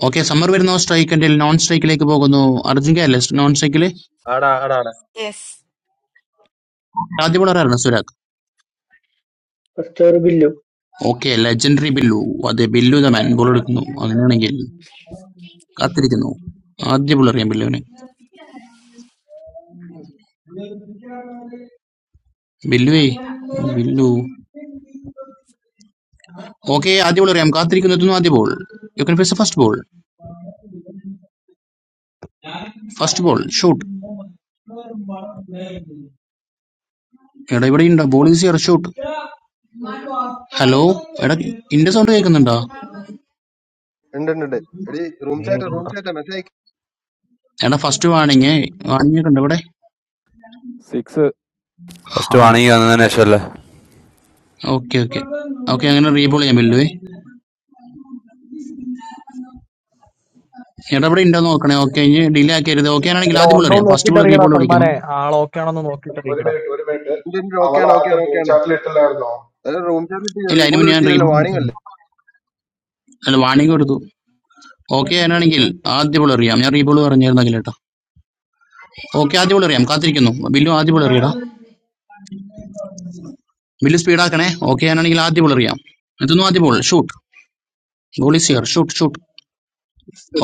Speaker 2: ഓക്കെ സമ്മർ വരുന്ന സ്ട്രൈക്കിന്റെ നോൺ സ്ട്രൈക്കിലേക്ക് പോകുന്നു അർജുൻ കെ അല്ലേ നോൺ സ്ട്രൈക്കില്
Speaker 9: ആടാ ആടാ ആടാ
Speaker 6: യെസ്
Speaker 2: ആദ്യ bowler ആയിരുന്നു Surag
Speaker 1: first Billu.
Speaker 2: Okay legendary Billu അതെ ബില്ലു ദ മാൻ ബോൾ എടുക്കുന്നു അങ്ങനെയാണെങ്കിൽ കാത്തിരിക്കുന്നു ആദ്യ ബോൾ അറിയാം ബില്ലുവിന് ബില്ലുവേ ബില്ലു ഓക്കെ ആദ്യ ബോൾ അറിയാം കാത്തിരിക്കുന്നു എത്തുന്നു ആദ്യ ball you can face first ball first ball shoot എടാ ഇവിടെ ഉണ്ടോ ball is your shoot hello എടാ ഇന്റെ സൗണ്ട് കേൾക്കുന്നുണ്ടോ
Speaker 9: ഉണ്ട് ഉണ്ട് ഉണ്ട് എടി റൂം
Speaker 15: നീ
Speaker 9: ചാറ്റ് റൂം
Speaker 15: ഇടണ്ട.
Speaker 9: ചാറ്റ് മെസ്സേജ്
Speaker 2: എടാ ഫസ്റ്റ് വാണിങ് വാണിങ് ഉണ്ട് ഇവിടെ
Speaker 19: Six,
Speaker 7: ഫസ്റ്റ് വാണിങ്ങി വന്നതിന് ശേഷമല്ലേ
Speaker 2: ഓക്കെ ഓക്കെ ഓക്കെ അങ്ങനെ റീബോൾ ചെയ്യാം ബില്ലുവേ എടാ ഇവിടെ ഉണ്ടോ നോക്കണേ ഓക്കെ ഇനി ഡിലേ ആക്കരുത് ഓക്കെ ആണെങ്കിൽ
Speaker 15: എടാ
Speaker 2: ആദ്യ ബോൾ
Speaker 15: ഉണ്ടോ
Speaker 2: അറിയാം ഫസ്റ്റ്
Speaker 15: നോക്കിട്ട്
Speaker 2: ബോൾ
Speaker 15: അറിയടാ
Speaker 2: റീബോൾ വിളിക്കുന്നു
Speaker 15: സൽമാനെ ആളോക്കെ ആണെന്ന് നോക്കിട്ട്
Speaker 20: ഒരു
Speaker 15: അറിയിക്കടാ
Speaker 20: മിനിറ്റ് ഒരു മിനിറ്റ്
Speaker 9: ഉണ്ട് ഉണ്ട് ഓക്കെ
Speaker 20: അവൾ
Speaker 9: ആണ് ഓക്കെ
Speaker 20: ആദ്യം
Speaker 9: ആണ് ഓക്കെ ആണ്
Speaker 20: പൂഞ്ചാട്ടിൽ ഇട്ടില്ലായിരുന്നോ
Speaker 9: അതെ റൂം ചാറ്റ്
Speaker 2: ഇല്ല അതിന്
Speaker 9: റീബോൾ
Speaker 2: മുന്നേ ഞാൻ
Speaker 9: വിളിച്ചില്ലല്ലോ
Speaker 2: റീബോൾ
Speaker 9: വാണിംഗ്
Speaker 2: വിളിച്ചിരുന്നു,
Speaker 9: അല്ലേ
Speaker 2: അല്ല വാണിങ് കൊടുത്തു ഓക്കെ ആണെങ്കിൽ ആദ്യ ബോൾ അറിയാം ഞാൻ റീബോൾ പറഞ്ഞായിരുന്നു കേട്ടോ ഓക്കെ ആദ്യ ബോൾ അറിയാം കാത്തിരിക്കുന്നു ബില്ലു ആദ്യ ബോൾ അറിയടാ വലിയ സ്പീഡാക്കണേ ഓക്കെ ഞാനാണെങ്കിൽ ആദ്യ ബോൾ അറിയാം എത്തുന്നു ആദ്യ ball shoot goal is here shoot shoot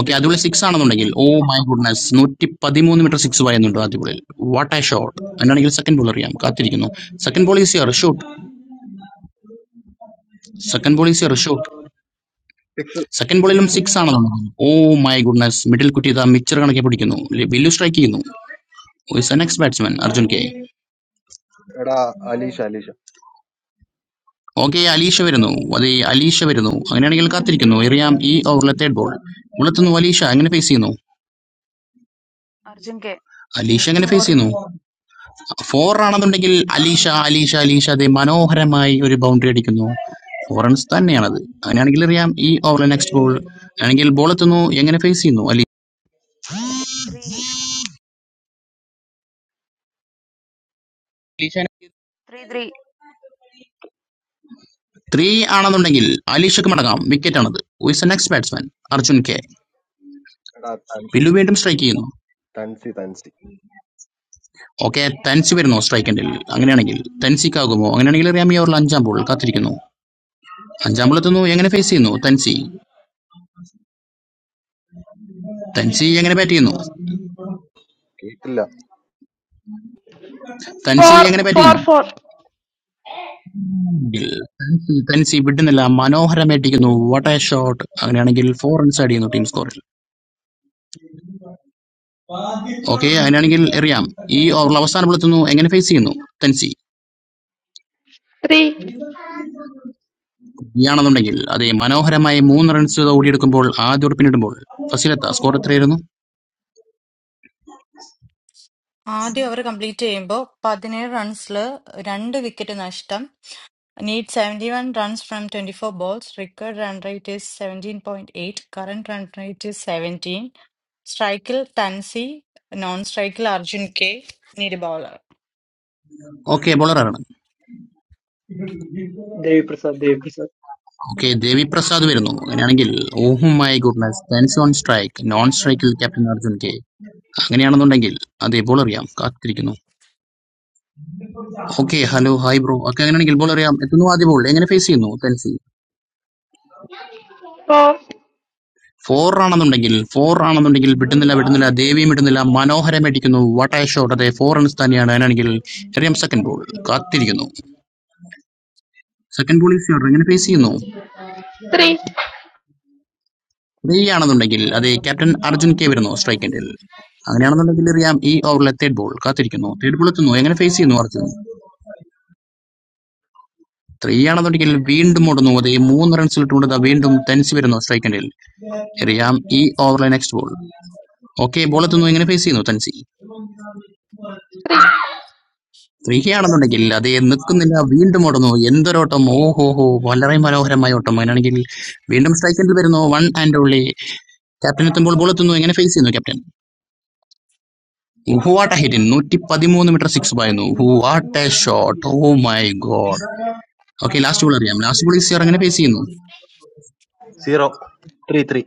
Speaker 2: okay
Speaker 9: Six.
Speaker 2: അതുപോലെ സിക്സ് ആണെന്നുണ്ടെങ്കിൽ ഓ മൈ ഗുഡ്നസ് നൂറ്റി പതിമൂന്ന് മീറ്റർ സിക്സ് പായുന്നുണ്ട് ആദ്യ ബോളിൽ വാട്ട് എ ഷോട്ട് എന്നാണെങ്കിൽ സെക്കൻഡ് ബോൾ അറിയാം കാത്തിരിക്കുന്നു second ball is here shoot second ball is here shoot second ബോളിലും
Speaker 19: six
Speaker 2: സിക്സ് ആണെന്നുണ്ടെങ്കിൽ ഓ മൈ ഗുഡ്നസ് മിഡിൽ കുറ്റി ഇതാ മിച്ചർ കണക്കെ പിടിക്കുന്നു വലിയ സ്ട്രൈക്ക് ചെയ്യുന്നു നെക്സ്റ്റ് ബാറ്റ്സ്മാൻ അർജുൻ കെ
Speaker 9: എടാ അലീഷ അലീഷ
Speaker 2: ഓക്കെ അലീഷ വരുന്നു അതെ അലീഷ വരുന്നു അങ്ങനെയാണെങ്കിൽ കാത്തിരിക്കുന്നു എറിയാം ഈ ഓവറിലെ തേർഡ് ബോൾ ഉള്ളെത്തുന്നു അലീഷ എങ്ങനെ ഫേസ് ചെയ്യുന്നു
Speaker 21: Arjun K.
Speaker 2: അലീഷ എങ്ങനെ ഫേസ്
Speaker 21: for
Speaker 2: ചെയ്യുന്നു ഫോർ ആണെന്നുണ്ടെങ്കിൽ അലീഷ അലീഷ അലീഷ അതെ മനോഹരമായി ഒരു ബൗണ്ടറി അടിക്കുന്നു ഫോർ റൺസ് തന്നെയാണത് അങ്ങനെയാണെങ്കിൽ അറിയാം ഈ ഓവറിലെ നെക്സ്റ്റ് ബോൾ ആണെങ്കിൽ ബോൾ എത്തുന്നു എങ്ങനെ ഫേസ് ചെയ്യുന്നു Aleesha
Speaker 21: three three three
Speaker 2: three ആണെന്നുണ്ടെങ്കിൽ അലീഷക്ക് മടങ്ങാം വിക്കറ്റ് ആണത് with next batsman Arjun K
Speaker 9: എടാ തൻ-
Speaker 2: പില്ലു വീണ്ടും സ്ട്രൈക്ക് ചെയ്യുന്നു
Speaker 9: തൻസി തൻസി
Speaker 2: ഓക്കെ തൻസി വരുന്നു സ്ട്രൈക്ക് എൻഡിൽ അങ്ങനെയാണെങ്കിൽ തൻസിക്കാകുമോ അങ്ങനെയാണെങ്കിൽ അറിയാം ഈ ഓവറിൽ അഞ്ചാം ബോൾ കാത്തിരിക്കുന്നു അഞ്ചാം ബോൾ എത്തുന്നു എങ്ങനെ ഫേസ് ചെയ്യുന്നു തൻസി തൻസി എങ്ങനെ ബാറ്റ് ചെയ്യുന്നു
Speaker 9: കേട്ടില്ല
Speaker 2: തൻസി
Speaker 22: four
Speaker 2: എങ്ങനെ ബാറ്റ്
Speaker 22: four
Speaker 2: ചെയ്യുന്നു
Speaker 22: four
Speaker 2: ഗിൽ തൻസ് ഇവിടുന്നല്ല മനോഹരമായിട്ടിരിക്കുന്നു വാട്ട് എ ഷോട്ട് അങ്ങനെയാണെങ്കിൽ ഫോർ റൺസ് ആഡ് ചെയ്യുന്നു ടീം സ്കോറിൽ ഓക്കെ അങ്ങനെയാണെങ്കിൽ എറിയാം ഈ ഓവറിൽ അവസാനം എത്തുന്നു എങ്ങനെ ഫേസ് ചെയ്യുന്നു തൻസി
Speaker 22: three
Speaker 2: ആണെന്നുണ്ടെങ്കിൽ അതെ മനോഹരമായ മൂന്ന് റൺസ് ഓടിയെടുക്കുമ്പോൾ ആദ്യ ഒരു പിന്നിടുമ്പോൾ ഫസിലെത്ത സ്കോർ എത്രയായിരുന്നു
Speaker 6: ആദ്യം അവർ കംപ്ലീറ്റ് ചെയ്യുമ്പോൾ പതിനേഴ് റൺസിൽ രണ്ട് വിക്കറ്റ് നഷ്ടം need seventy one runs from twenty four balls required run rate is seventeen point eight current run rate is seventeen സ്ട്രൈക്കിൽ തൻസി നോൺ സ്ട്രൈക്കിൽ Arjun K need bowler
Speaker 2: okay ബോളറാണ്
Speaker 1: ദേവിപ്രസാദ് ദേവിപ്രസാദ്.
Speaker 2: ഓക്കെ ദേവി പ്രസാദ് വരുന്നു അങ്ങനെയാണെങ്കിൽ oh my goodness Thans on strike non സ്ട്രൈക്കിൽ captain Arjun K അങ്ങനെയാണെന്നുണ്ടെങ്കിൽ അതെ ball അറിയാം കാത്തിരിക്കുന്നു okay hello hi bro okay അങ്ങനെയാണെങ്കിൽ ബോൾ അറിയാം എത്തുന്നു ആദ്യ ബോൾ എങ്ങനെ ഫേസ് ചെയ്യുന്നു തൻസി
Speaker 22: four
Speaker 2: ഫോർ ആണെന്നുണ്ടെങ്കിൽ ഫോർ ആണെന്നുണ്ടെങ്കിൽ വിട്ടുന്നില്ല വിട്ടുന്നില്ല ദേവിയും വിട്ടുന്നില്ല മനോഹരം അടിക്കുന്നു വട്ടായ ഷോട്ട് അതെ ഫോർ റൺസ് തന്നെയാണ് അതിനാണെങ്കിൽ എറിയാം സെക്കൻഡ് ബോൾ കാത്തിരിക്കുന്നു സെക്കൻഡ് ബോളിൽ ഫീൽഡർ എങ്ങനെ ഫേസ് ചെയ്യുന്നു
Speaker 22: three
Speaker 2: ത്രീ ആണെന്നുണ്ടെങ്കിൽ അതെ ക്യാപ്റ്റൻ അർജുൻ കെ വരുന്നു സ്ട്രൈക്കിൻ്റെ അങ്ങനെയാണെന്നുണ്ടെങ്കിൽ അറിയാം ഈ ഓവറിലെ തേർഡ് ബോൾ കാത്തിരിക്കുന്നു തേർഡ് ബോൾ എത്തുന്നു എങ്ങനെ ഫേസ് ചെയ്യുന്നു അർജുൻ ത്രീ ആണെന്നുണ്ടെങ്കിൽ വീണ്ടും ഓടുന്നു അതെ മൂന്ന് റൺസ് ഇട്ടുകൊണ്ട് വീണ്ടും തൻസി വരുന്നു സ്ട്രൈക്കിൻ്റെ എറിയാം ഈ ഓവറിലെ നെക്സ്റ്റ് ബോൾ ഓക്കെ ബോൾ എത്തുന്നു എങ്ങനെ ഫേസ് ചെയ്യുന്നു തൻസി
Speaker 22: three
Speaker 2: സ്ത്രീയാണെന്നുണ്ടെങ്കിൽ അത് നിൽക്കുന്നില്ല വീണ്ടും ഓടുന്നു എന്തൊരോട്ടം ഓഹോ ഹോ വളരെ മനോഹരമായ ഓട്ടം അങ്ങനെയാണെങ്കിൽ വീണ്ടും സ്ട്രൈക്കിൽ വരുന്നു വൺ ആൻഡ് ഓൺലി ക്യാപ്റ്റൻ എത്തുമ്പോൾ ബോൾ എത്തുന്നു എങ്ങനെ ഫേസ് ചെയ്യുന്നു ക്യാപ്റ്റൻ വാട്ട് ഹിറ്റിൻ നൂറ്റി പതിമൂന്ന് മീറ്റർ സിക്സ് പായുന്നു what a shot oh my god okay last ball അറിയാം ലാസ്റ്റ് ബോൾ ഈസിയർ എങ്ങനെ ഫേസ് ചെയ്യുന്നു
Speaker 9: സീറോ ത്രീ ത്രീ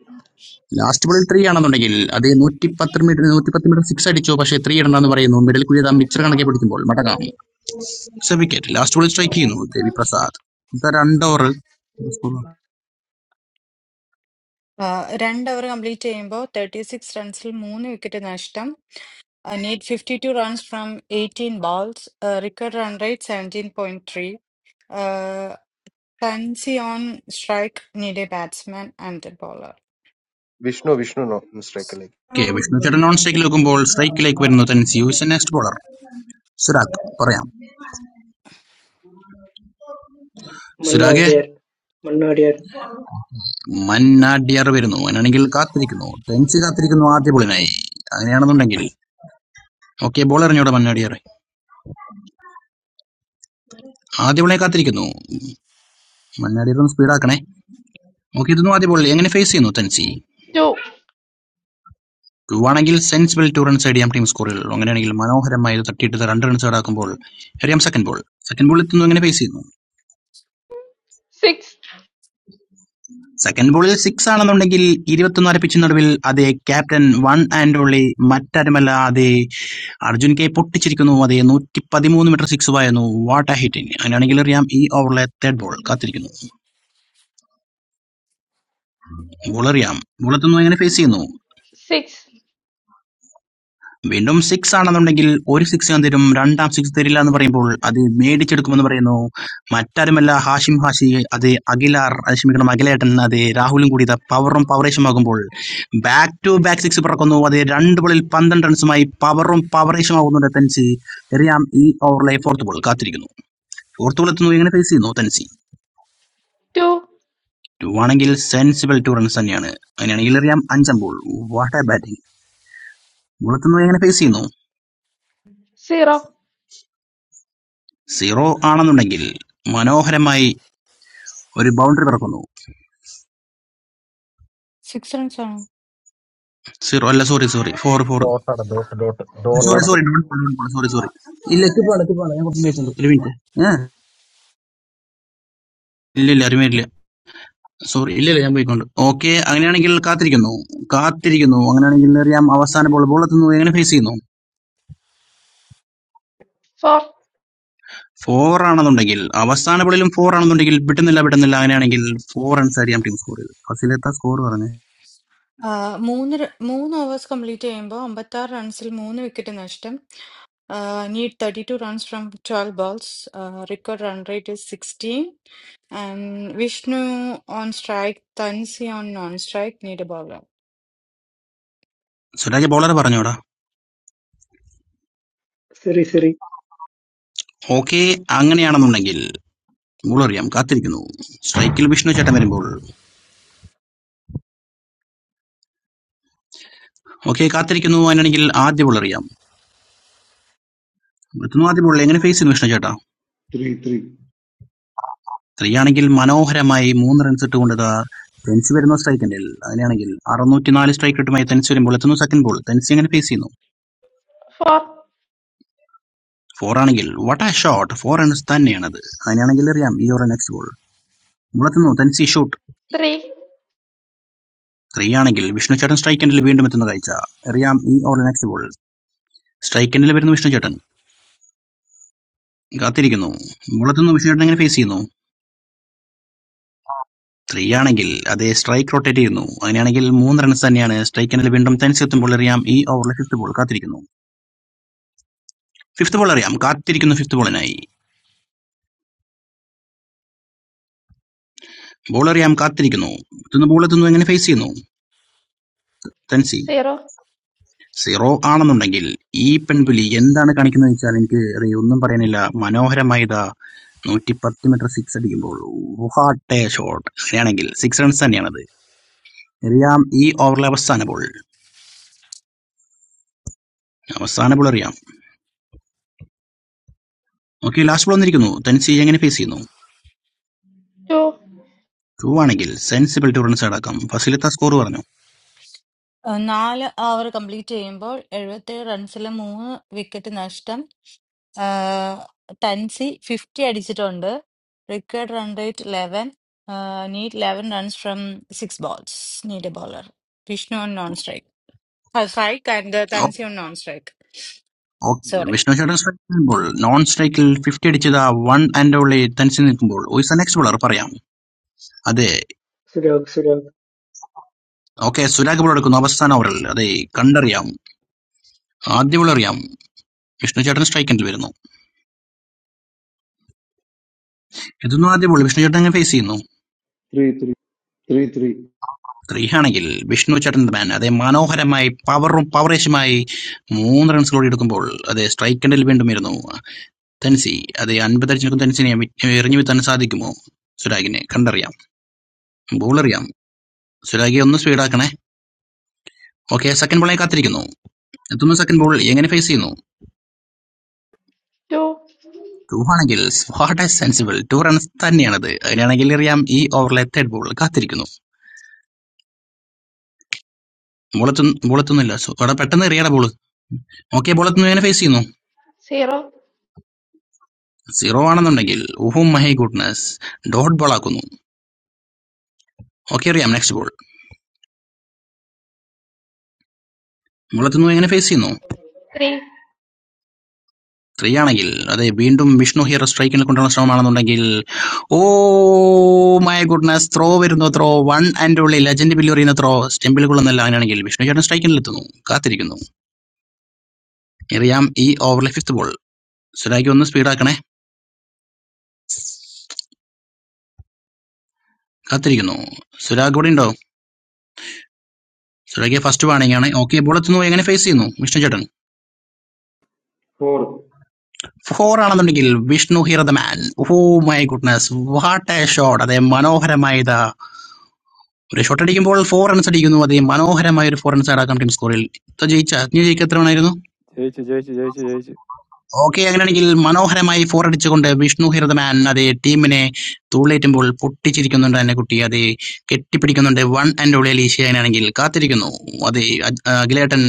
Speaker 2: ലാസ്റ്റ് ബോളിൽ ത്രീ ആണെന്നുണ്ടെങ്കിൽ അത് നൂറ്റി പത്ത് മീറ്റർ നൂറ്റി പത്ത് മീറ്റർ സിക്സ് അടിച്ചു പക്ഷേ ത്രീ ഇടണമെന്ന് പറയുന്നു മിഡിൽ കൂടി ഇതാ മിക്സർ കണക്കെ പിടിക്കുമ്പോൾ മടങ്ങാം വിക്കറ്റ് ലാസ്റ്റ് ബോളിൽ സ്ട്രൈക്ക് ചെയ്യുന്നു ദേവി പ്രസാദ് ഇതാ രണ്ട് ഓവർ
Speaker 6: രണ്ട് ഓവർ കംപ്ലീറ്റ് ചെയ്യുമ്പോൾ തേർട്ടി സിക്സ് റൺസിൽ മൂന്ന് വിക്കറ്റ് നഷ്ടം need fifty two runs from eighteen balls required run rate seventeen point three കൺസി on strike need a batsman and a bowler
Speaker 9: Vishnu Vishnu no mistake like
Speaker 2: K Vishnu ചേട്ടൻ non സ്ട്രൈക്കിൽ വെക്കുമ്പോൾ സ്ട്രൈക്കിലേക്ക് വരുന്നു തൻ യൂസ് നെക്സ്റ്റ് ബോളർ സുരാഗ് പറയാം സുരാഗ്
Speaker 1: മണ്ണാടിയാർ മണ്ണാടിയാർ.
Speaker 2: മന്നാഡിയർ വരുന്നു അങ്ങനെയാണെങ്കിൽ കാത്തിരിക്കുന്നു ടെൻസ് കാത്തിരിക്കുന്നു ആദ്യ ബോളിനായി അങ്ങനെയാണെന്നുണ്ടെങ്കിൽ ഓക്കെ ബോൾ എറിഞ്ഞോടെ മന്നാടിയർ ആദ്യ ബോളെ കാത്തിരിക്കുന്നു മന്നാടിയർ ഒന്ന് സ്പീഡാക്കണേ ഓക്കെ ഇതൊന്നും ആദ്യ ബോളിൽ എങ്ങനെ ഫേസ് ചെയ്യുന്നു തൻസി
Speaker 22: two
Speaker 2: ടു ആണെങ്കിൽ സെൻസിബിൾ ടു റൺസ് ചെയ്യാം ടീം സ്കോറിൽ അങ്ങനെയാണെങ്കിൽ മനോഹരമായി ഇത് തട്ടിയിട്ട് ഇത് രണ്ട് റൺസ് ആക്കുമ്പോൾ എറിയാം സെക്കൻഡ് ബോൾ സെക്കൻഡ് ബോൾ എത്തുന്നു എങ്ങനെ ഫേസ് ചെയ്യുന്നു
Speaker 22: six
Speaker 2: സെക്കൻഡ് ബോളിൽ സിക്സാണെന്നുണ്ടെങ്കിൽ ഇരുപത്തൊന്നാല് പിച്ചിന് നടുവിൽ അതെ ക്യാപ്റ്റൻ വൺ ആൻഡ് ഓൺലി മറ്റാരുമല്ല അതെ അർജുൻ കെ പൊട്ടിച്ചിരിക്കുന്നു അതെ നൂറ്റി പതിമൂന്ന് മീറ്റർ സിക്സുമായിരുന്നു വാട്ട് എ ഹിറ്റിംഗ് അങ്ങനെയാണെങ്കിൽ അറിയാം ഈ ഓവറിലെ തേർഡ് ബോൾ കാത്തിരിക്കുന്നു ബോൾ അറിയാം ബോൾ എത്തുന്നു എങ്ങനെ ഫേസ് ചെയ്യുന്നു
Speaker 22: six
Speaker 2: വീണ്ടും സിക്സ് ആണെന്നുണ്ടെങ്കിൽ ഒരു സിക്സ് ഞാൻ തരും രണ്ടാം സിക്സ് തരില്ല എന്ന് പറയുമ്പോൾ അത് മേടിച്ചെടുക്കുമെന്ന് പറയുന്നു മറ്റാരുമല്ല ഹാഷിം ഹാഷി അത് അഖിലാർ അത് ക്ഷമിക്കണം അഖിലേട്ടൻ അത് രാഹുലും കൂടി ഇത് പവറും പവറേഷുമാകുമ്പോൾ ബാക്ക് ടു ബാക്ക് സിക്സ് പിറക്കുന്നു അത് രണ്ട് ബോളിൽ പന്ത്രണ്ട് റൺസുമായി പവറും പവറേഷുമാകുന്നുണ്ട് തെൻസി എറിയാം ഈ ഓവറിലെ ഫോർത്ത് ബോൾ കാത്തിരിക്കുന്നു ഫോർത്ത് ബോൾ എത്തുന്നു എങ്ങനെ ഫേസ് ചെയ്യുന്നു തെൻസി
Speaker 22: two
Speaker 2: ടു ആണെങ്കിൽ സെൻസിബിൾ ടു റൺസ് തന്നെയാണ് അങ്ങനെയാണെങ്കിൽ എറിയാം അഞ്ചാം ball what a batting ball എത്തുന്നു എങ്ങനെ ഫേസ് ചെയ്യുന്നു
Speaker 22: zero
Speaker 2: സീറോ ആണെന്നുണ്ടെങ്കിൽ മനോഹരമായി ഒരു ബൗണ്ടറി പിറക്കുന്നു
Speaker 6: സിക്സ് റൺസ്
Speaker 2: സീറോ അല്ല സോറി സോറി ഫോർ ഫോർ
Speaker 15: ഡോട്ടാണ് ഡോട്ട് ഡോട്ട്
Speaker 2: സോറി
Speaker 19: dot.
Speaker 15: ഡോട്ടാണ്.
Speaker 2: സോറി സോറി സോറി ഇല്ല എത്തിപ്പാണ് എത്തിപ്പാണ് ഞാൻ കുറച്ച് വെയിറ്റ് ഉണ്ട് ഒരു മിനിറ്റ് ഏഹ് ഇല്ല ഇല്ല അറിവില്ല സോറി ഇല്ല ഇല്ല ഞാൻ പോയിക്കൊണ്ട് ഓക്കെ അങ്ങനെയാണെങ്കിൽ കാത്തിരിക്കുന്നു കാത്തിരിക്കുന്നു അങ്ങനെയാണെങ്കിൽ അറിയാം അവസാന ബോൾ ബോൾ എത്തുന്നു എങ്ങനെ ഫേസ് ചെയ്യുന്നു
Speaker 22: four
Speaker 2: ഫോർ ആണെന്നുണ്ടെങ്കിൽ അവസാന ബോളിലും ഫോർ ആണെന്നുണ്ടെങ്കിൽ വിട്ടുന്നില്ല വിട്ടുന്നില്ല അങ്ങനെയാണെങ്കിൽ ഫോർ റൺസ് അറിയാം ടീം സ്കോർ ചെയ്ത് ഫസിലെത്ത സ്കോർ പറഞ്ഞു
Speaker 6: Ah, moon. Moon was complete. I am ba. Ambatta runsil moon. We kitin ashtem. Ah need thirty-two runs from twelve balls. Record run rate is sixteen. And Vishnu on strike. Thansi on non-strike. Need a ball.
Speaker 2: Suraj bowler പറഞ്ഞോടാ
Speaker 1: Siri Siri.
Speaker 2: Okay അങ്ങനെയാണെന്നുണ്ടെങ്കിൽ ball അറിയാം കാത്തിരിക്കുന്നു സ്ട്രൈക്കിൽ വിഷ്ണു ചേട്ടൻ വരുമ്പോൾ okay കാത്തിരിക്കുന്നു അങ്ങനെയാണെങ്കിൽ ആദ്യ ബോൾ അറിയാം എത്തുന്നു ആദ്യ ബോളിൽ എങ്ങനെ ഫേസ് ചെയ്യുന്നു വിഷ്ണു ചേട്ടാ
Speaker 4: ത്രീ ത്രീ
Speaker 2: സ്ത്രീയാണെങ്കിൽ മനോഹരമായി മൂന്ന് റൺസ് ഇട്ടുകൊണ്ട് ഇതാ തെൻസ് വരുന്ന സ്ട്രൈക്കിന്റെ അങ്ങനെയാണെങ്കിൽ അറുന്നൂറ്റി നാല് സ്ട്രൈക്ക് റേറ്റുമായി തെൻസ് വരുമ്പോൾ എത്തുന്നു സെക്കൻഡ് ബോൾ തെൻസ് എങ്ങനെ ഫേസ് ചെയ്യുന്നു
Speaker 22: four
Speaker 2: ഫോർ ആണെങ്കിൽ what a shot four runs തന്നെയാണത് അങ്ങനെയാണെങ്കിൽ അറിയാം ഈ ഓവർ നെക്സ്റ്റ് ബോൾ മുളത്തുന്നു തെൻസി ഷൂട്ട്
Speaker 22: three
Speaker 2: സ്ത്രീയാണെങ്കിൽ വിഷ്ണു ചേട്ടൻ സ്ട്രൈക്കിന്റെ വീണ്ടും എത്തുന്ന കാഴ്ച അറിയാം ഈ ഓവർ നെക്സ്റ്റ് ബോൾ സ്ട്രൈക്കിന്റെ വരുന്നു വിഷ്ണു ചേട്ടൻ കാത്തിരിക്കുന്നു മുളത്തുന്നു വിഷ്ണു ചേട്ടൻ എങ്ങനെ ഫേസ് ചെയ്യുന്നു ത്രീയാണെങ്കിൽ അതേ സ്ട്രൈക്ക് റൊട്ടേറ്റ് ചെയ്യുന്നു. അങ്ങനെയാണെങ്കിൽ മൂന്ന് റൺസ് തന്നെയാണ് സ്ട്രൈക്ക് എന്നാൽ വീണ്ടും തനിച്ചെത്തുമ്പോൾ അറിയാം ഈ ഓവറിലെ ഫിഫ്ത്ത് ബോൾ കാത്തിരിക്കുന്നു ഫിഫ്ത്ത് ബോൾ അറിയാം കാത്തിരിക്കുന്നു ഫിഫ്ത്ത് ബോളിനായി ബോൾ അറിയാം കാത്തിരിക്കുന്നു എത്തുന്ന ബോൾ എത്തുന്നു എങ്ങനെ ഫേസ് ചെയ്യുന്നു തൻസി
Speaker 22: zero
Speaker 2: സീറോ ആണെന്നുണ്ടെങ്കിൽ ഈ പെൺപുലി എന്താണ് കാണിക്കുന്നത് വെച്ചാൽ എനിക്ക് അത് ഒന്നും പറയാനില്ല മനോഹരമായ ഇതാ നൂറ്റി പത്ത് മീറ്റർ സിക്സ് അടിക്കുമ്പോൾ ഹാട്ടെ ഷോട്ട് അങ്ങനെയാണെങ്കിൽ സിക്സ് റൺസ് തന്നെയാണത് അറിയാം ഈ ഓവറിലെ അവസാന ബോൾ അവസാന ബോൾ അറിയാം ഓക്കെ ലാസ്റ്റ് ബോൾ വന്നിരിക്കുന്നു തൻസി എങ്ങനെ ഫേസ് ചെയ്യുന്നു
Speaker 22: two
Speaker 2: ടു ആണെങ്കിൽ സെൻസിബിൾ ടു റൺസ് അടക്കം ഫസിലിത്ത സ്കോർ പറഞ്ഞു
Speaker 6: ഏഹ് നാല് ഓവർ കംപ്ലീറ്റ് ചെയ്യുമ്പോൾ എഴുപത്തേഴ് റൺസിൽ മൂന്ന് വിക്കറ്റ് നഷ്ടം ആഹ് ടൻസി ഫിഫ്റ്റി അടിച്ചിട്ടുണ്ട് required run rate eleven need eleven runs from six balls need a bowler Vishnu on non strike strike and Thansi on non strike
Speaker 2: okay
Speaker 6: sorry
Speaker 2: Vishnu ചേട്ടൻ സ്ട്രൈക്ക് നിൽക്കുമ്പോൾ നോൺ സ്ട്രൈക്കിൽ ഫിഫ്റ്റി അടിച്ചത് ആ വൺ ആൻഡ് ഓൺലി തനിച്ച് നിൽക്കുമ്പോൾ ഉയസ് നെക്സ്റ്റ് ബോളർ പറയാം അതെ
Speaker 1: Surag Surag.
Speaker 2: Okay Surag ball എടുക്കുന്നു അവസാന ഓവറിൽ അതെ കണ്ടറിയാം ആദ്യ ബോൾ അറിയാം വിഷ്ണു ചേട്ടൻ സ്ട്രൈക്കിൽ വരുന്നു ഇതൊന്നും ആദ്യ ബോൾ വിഷ്ണു ചേട്ടൻ അങ്ങനെ ഫേസ് ചെയ്യുന്നു
Speaker 4: three three three three
Speaker 2: three ആണെങ്കിൽ വിഷ്ണു ചേട്ടൻ മാൻ അതെ മനോഹരമായി പവറും പവറേഷുമായി മൂന്ന് റൺസ് കൂടി എടുക്കുമ്പോൾ അതെ സ്ട്രൈക്ക് എൻഡിൽ വീണ്ടും വരുന്നു തനിസേ അതെ അൻപതടിച്ചിടക്കും തനിച്ചിനെ എറിഞ്ഞുവീഴ്ത്താൻ സാധിക്കുമോ? സുരാഗിനെ കണ്ടറിയാം. ബോളറിയാം. സുരാഗേ ഒന്ന് സ്പീഡാക്കണേ. ഓക്കേ, സെക്കൻഡ് ബോളിനായി കാത്തിരിക്കുന്നു. എത്തുന്നു സെക്കൻഡ് ബോൾ. എങ്ങനെ ഫേസ് ചെയ്യുന്നു?
Speaker 22: two
Speaker 2: ടൂവാണെങ്കിൽ what a sensible. Two runs തന്നെയാണത്. അങ്ങനെയാണെങ്കിൽ എറിയാം. ഈ ഓവറിലെ തേർഡ് ബോൾ കാത്തിരിക്കുന്നു. ബോളെത്തുന്നു ബോളെത്തുന്നില്ല. സോ, എടാ പെട്ടെന്ന് എറിയടാ ബോൾ. ഓക്കേ, ബോളെത്തുന്നു. എങ്ങനെ ഫേസ് ചെയ്യുന്നു?
Speaker 22: zero
Speaker 2: സീറോ ആണെന്നുണ്ടെങ്കിൽ ഓഹോ മൈ ഗുഡ്നസ് ഡോട്ട് ബോൾ ആക്കുന്നു. ഓക്കേ, എറിയാം. Next ball. ബോളെത്തുന്നു. എങ്ങനെ ഫേസ് ചെയ്യുന്നു?
Speaker 22: three
Speaker 2: ത്രീ ആണെങ്കിൽ അതെ വീണ്ടും വിഷ്ണു ഹീറോ സ്ട്രൈക്കിൽ കൊണ്ടുവന്ന ശ്രമമാണെന്നുണ്ടെങ്കിൽ ഓ മൈ ഗുഡ്നസ് ത്രോ വരുന്നു throw one and only legend ബില്ല് എറിയുന്ന ത്രോ സ്റ്റെമ്പിൽ കൊള്ളുന്നില്ല അങ്ങനെയാണെങ്കിൽ വിഷ്ണു ചേട്ടൻ സ്ട്രൈക്കിൽ എത്തുന്നു കാത്തിരിക്കുന്നു എറിയാം ഈ ഓവറിലെ ഫിഫ്ത്ത് ബോൾ സുരാഗ് ഒന്ന് സ്പീഡാക്കണേ കാത്തിരിക്കുന്നു സുരാഗ് കൂടെ ഉണ്ടോ സുരാഗ് ഫസ്റ്റ് വാണിംഗ് ആണ് ഓക്കെ ബോൾ എത്തുന്നു എങ്ങനെ ഫേസ് ചെയ്യുന്നു വിഷ്ണു ചേട്ടൻ
Speaker 4: ഫോർ
Speaker 2: ഫോർ ആണെന്നുണ്ടെങ്കിൽ Vishnu hero the man oh my goodness what a shot അതെ മനോഹരമായ ഒരു ഷോട്ട് അടിക്കുമ്പോൾ ഫോർ റൺസ് അടിക്കുന്നു അതേ മനോഹരമായ ഒരു ഫോർ റൺസ് ആടാക്കാം ടീം സ്കോറിൽ ഇപ്പൊ ജയിച്ച നീ ജയിക്ക് എത്ര വേണമായിരുന്നു
Speaker 19: Jay, Jay, Jay, Jay, Jay, Jay.
Speaker 2: Okay അങ്ങനെയാണെങ്കിൽ മനോഹരമായി ഫോർ അടിച്ചുകൊണ്ട് വിഷ്ണു ഹിരതമാൻ അതേ ടീമിനെ തൂളേറ്റുമ്പോൾ പൊട്ടിച്ചിരിക്കുന്നുണ്ട് എന്നെ കുട്ടി അതേ കെട്ടിപ്പിടിക്കുന്നുണ്ട് വൺ ആൻഡ് ഓൾ അലീഷ്യ അങ്ങനെയാണെങ്കിൽ കാത്തിരിക്കുന്നു അതേ അജ്- ആ, അഖിലേട്ടൻ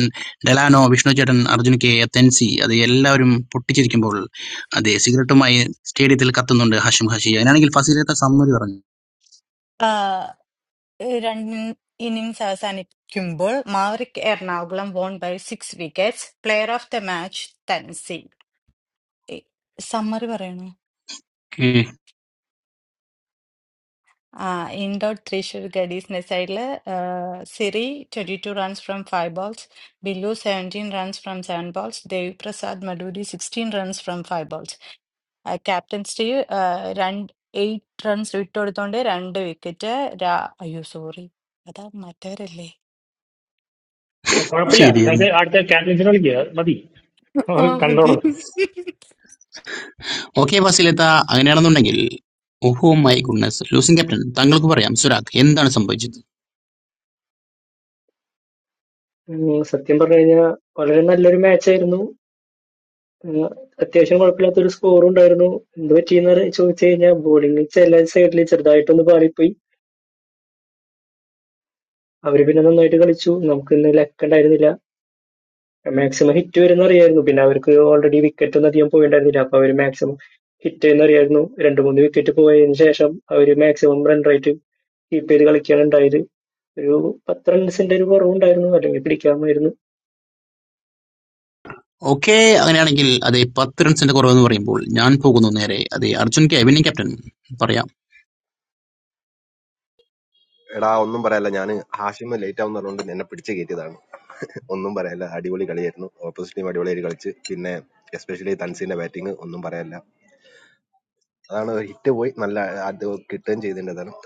Speaker 2: ഡെലാനോ വിഷ്ണു ചേട്ടൻ അർജുൻ കെ തെൻസി അത് എല്ലാവരും പൊട്ടിച്ചിരിക്കുമ്പോൾ അതേ സിഗരറ്റുമായി സ്റ്റേഡിയത്തിൽ കത്തുന്നുണ്ട് ഹാഷിം ഹാഷി അങ്ങനെയാണെങ്കിൽ ഫസീലത്തെ സമ്മതി പറഞ്ഞു
Speaker 6: രണ്ട് ഇന്നിംഗ്സ് അവസാനിക്കുമ്പോൾ Maverick Ernakulam won by six wickets player of the match Thansi summary പറയണോ
Speaker 2: ഉം,
Speaker 6: Uh, in dot Trishul Gadisne side le uh, Siri 22 runs from 5 balls, Billu 17 runs from 7 balls, Devi Prasad Maduri 16 runs from 5 balls. Uh, Captain Steve uh, run 8 runs വിട്ടൊടുത്തോണ്ട് 2 wicket രാ അയ്യോ sorry അതാ മറ്റവരല്ലേ
Speaker 10: കുഴപ്പമില്ല
Speaker 2: ശരി
Speaker 10: നമുക്ക് അടുത്ത ക്യാപ്റ്റൻസിനെ വിളിക്കുക മതി
Speaker 6: ആ,
Speaker 10: അവർ
Speaker 6: മതി
Speaker 10: കണ്ടോളൂ
Speaker 2: ഓക്കെ ബസിലെത്ത അങ്ങനെയാണെന്നുണ്ടെങ്കിൽ ഓഹോ മൈ ഗുഡ്നസ് ലൂസിംഗ് ക്യാപ്റ്റൻ താങ്കൾക്ക് പറയാം സുരാഗ് എന്താണ് സംഭവിച്ചത്
Speaker 1: ഉം, സത്യം പറഞ്ഞു കഴിഞ്ഞാൽ വളരെ നല്ലൊരു മാച്ചായിരുന്നു. ഉം, അത്യാവശ്യം കുഴപ്പമില്ലാത്തൊരു സ്കോറും ഉണ്ടായിരുന്നു. എന്ത് പറ്റിയെന്ന് അറി- ചോദിച്ചു കഴിഞ്ഞാൽ ബോളിംഗ് ചില സൈഡിൽ ചെറുതായിട്ടൊന്ന് പാളിപ്പോയി. അവര് പിന്നെ നന്നായിട്ട് കളിച്ചു. നമുക്ക് ഇന്ന് ലക്ക് ഉണ്ടായിരുന്നില്ല. മാക്സിമം ഹിറ്റ് വരുന്ന അറിയായിരുന്നു പിന്നെ അവർക്ക് ഓൾറെഡി വിക്കറ്റ് ഒന്നും അധികം പോയിണ്ടായിരുന്നില്ല അപ്പൊ അവര് മാക്സിമം ഹിറ്റ് എന്ന് അറിയായിരുന്നു രണ്ട് മൂന്ന് വിക്കറ്റ് പോയതിനു ശേഷം അവര് മാക്സിമം റൺ റേറ്റ് കീപ്പ് ചെയ്ത് കളിക്കുകയാണ് ഉണ്ടായത് ഒരു പത്ത് റൺസിന്റെ ഒരു കുറവുണ്ടായിരുന്നു അല്ലെങ്കിൽ പിടിക്കാമായിരുന്നു
Speaker 2: ഓക്കെ അങ്ങനെയാണെങ്കിൽ അതെ പത്ത് റൺസിന്റെ കുറവെന്ന് പറയുമ്പോൾ ഞാൻ പോകുന്നു നേരെ അതെ അർജുൻ കെ അഭിനയം ക്യാപ്റ്റൻ പറയാം
Speaker 9: എടാ ഒന്നും പറയല്ല ഞാൻ ഹാഷിമ് ലേറ്റ് ആവും പറഞ്ഞുകൊണ്ട് എന്നെ പിടിച്ച് കയറ്റിയതാണ് ഒന്നും പറയല്ല അടിപൊളി കളിയായിരുന്നു ഓപ്പോസിറ്റ് ടീം അടിപൊളിയായിട്ട് കളിച്ച് പിന്നെ എസ്പെഷ്യലി തൻസിന്റെ ബാറ്റിംഗ് ഒന്നും പറയല്ല അതാണ് ഹിറ്റ് പോയി നല്ല അത് കിട്ടുകയും ചെയ്തിട്ടുണ്ടായിരുന്നു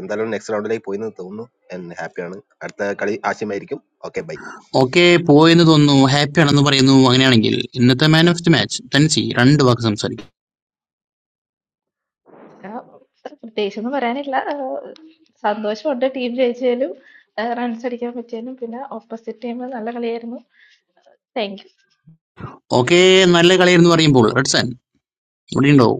Speaker 9: എന്തായാലും നെക്സ്റ്റ് റൗണ്ടിലേക്ക് പോയി എന്ന് തോന്നുന്നു ഞാൻ ഹാപ്പിയാണ് അടുത്ത കളി ആശയമായിരിക്കും ഓക്കെ ബൈ
Speaker 2: ഓക്കെ പോയെന്ന് തോന്നുന്നു ഹാപ്പി ആണെന്ന് പറയുന്നു അങ്ങനെയാണെങ്കിൽ ഇന്നത്തെ man of the match Thansi രണ്ട് വാക്ക് സംസാരിക്കും
Speaker 22: ആ, പ്രത്യേകിച്ചൊന്നും പറയാനില്ല ആ, സന്തോഷമുണ്ട് ടീം ജയിച്ചതിലും റൺസ് അടിക്കാൻ പറ്റിയതിലും പിന്നെ ഓപ്പോസിറ്റ് ടീം നല്ല കളിയായിരുന്നു താങ്ക് യു.
Speaker 2: ഓക്കെ നല്ല കളി എന്ന് പറയുമ്പോൾ റെഡ്സൺ ഇവിടെ ഉണ്ടോ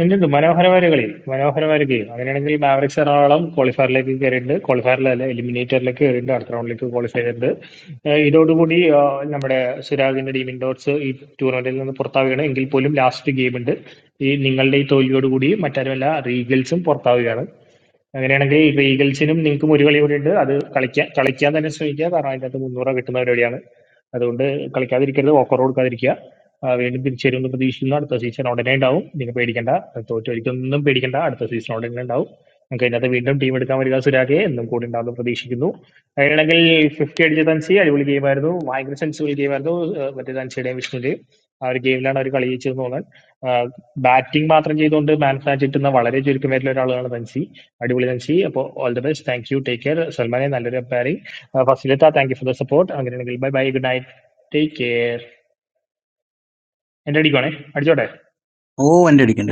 Speaker 10: എന്തുണ്ട് മനോഹരമായ ഒരു കളി മനോഹരമായ ഒരു ഗെയിം അങ്ങനെയാണെങ്കിൽ മാവറിക്സ് എറണാകുളം ക്വാളിഫയറിലേക്ക് കയറിയിട്ടുണ്ട് ക്വാളിഫയറിൽ അല്ല എലിമിനേറ്ററിലേക്ക് കയറിയിട്ടുണ്ട് അടുത്ത റൗണ്ടിലേക്ക് ക്വാളിഫൈ ചെയ്തിട്ടുണ്ട് ഏഹ് ഇതോടുകൂടി ആഹ്, നമ്മുടെ സിരാഗിന്റെ ടീം ഇൻഡോർസ് ഈ ടൂർണമെന്റിൽ നിന്ന് പുറത്താവുകയാണ് എങ്കിൽ പോലും ലാസ്റ്റ് ഗെയിം ഉണ്ട് ഈ നിങ്ങളുടെ ഈ തോൽവിയോടുകൂടി മറ്റാരുമല്ല റീഗൽസും പുറത്താവുകയാണ് അങ്ങനെയാണെങ്കിൽ ഈ റീഗൽസിനും നിങ്ങൾക്കും ഒരു കളി കൂടി ഉണ്ട് അത് കളിക്കാൻ കളിക്കാൻ തന്നെ ശ്രമിക്കുക കാരണം അതിനകത്ത് മുന്നൂറ് കിട്ടുന്ന പരിപാടിയാണ് അതുകൊണ്ട് കളിക്കാതിരിക്കരുത് ഓഫർ കൊടുക്കാതിരിക്കുക ആ, വീണ്ടും തിരിച്ചു വരുമെന്ന് പ്രതീക്ഷിക്കുന്നു അടുത്ത സീസൺ ഉടനെ ഉണ്ടാവും നിങ്ങൾ പേടിക്കണ്ട തോറ്റ ഒരിക്കലൊന്നും പേടിക്കണ്ട അടുത്ത സീസൺ ഉടനെ ഉണ്ടാവും നമുക്ക് അതിനകത്ത് വീണ്ടും ടീം എടുക്കാൻ വരിക സുരാഖെ എന്നും കൂടി ഉണ്ടാവുമെന്ന് പ്രതീക്ഷിക്കുന്നു അങ്ങനെയാണെങ്കിൽ ഫിഫ്റ്റി അടിച്ച തൻസി അടിപൊളി ഗെയിമായിരുന്നു ഭയങ്കര സെൻസിബിൾ ഗെയിമായിരുന്നു ആ, മറ്റേ തൻസിയുടെയും വിഷ്ണുവിന്റെയും ആ ഒരു ഗെയിമിലാണ് അവർ കളി ജയിച്ചതെന്ന് തോന്നുന്നത് ബാറ്റിംഗ് മാത്രം ചെയ്തുകൊണ്ട് മാൻ ഓഫ് മാച്ച് കിട്ടുന്ന വളരെ ചുരുക്കമായിട്ടുള്ള ഒരാളാണ് തൻസി അടിപൊളി നൻസി അപ്പോൾ all the best thank you take care സൽമാനെ നല്ലൊരു അപ്പാരിങ് ഫസിലിത്ത thank you for the support അങ്ങനെയാണെങ്കിൽ bye bye good night take care എൻ്റെ അടിക്കുവാണേ അടിച്ചോട്ടെ
Speaker 2: ഓ വണ്ടി അടിക്കണ്ട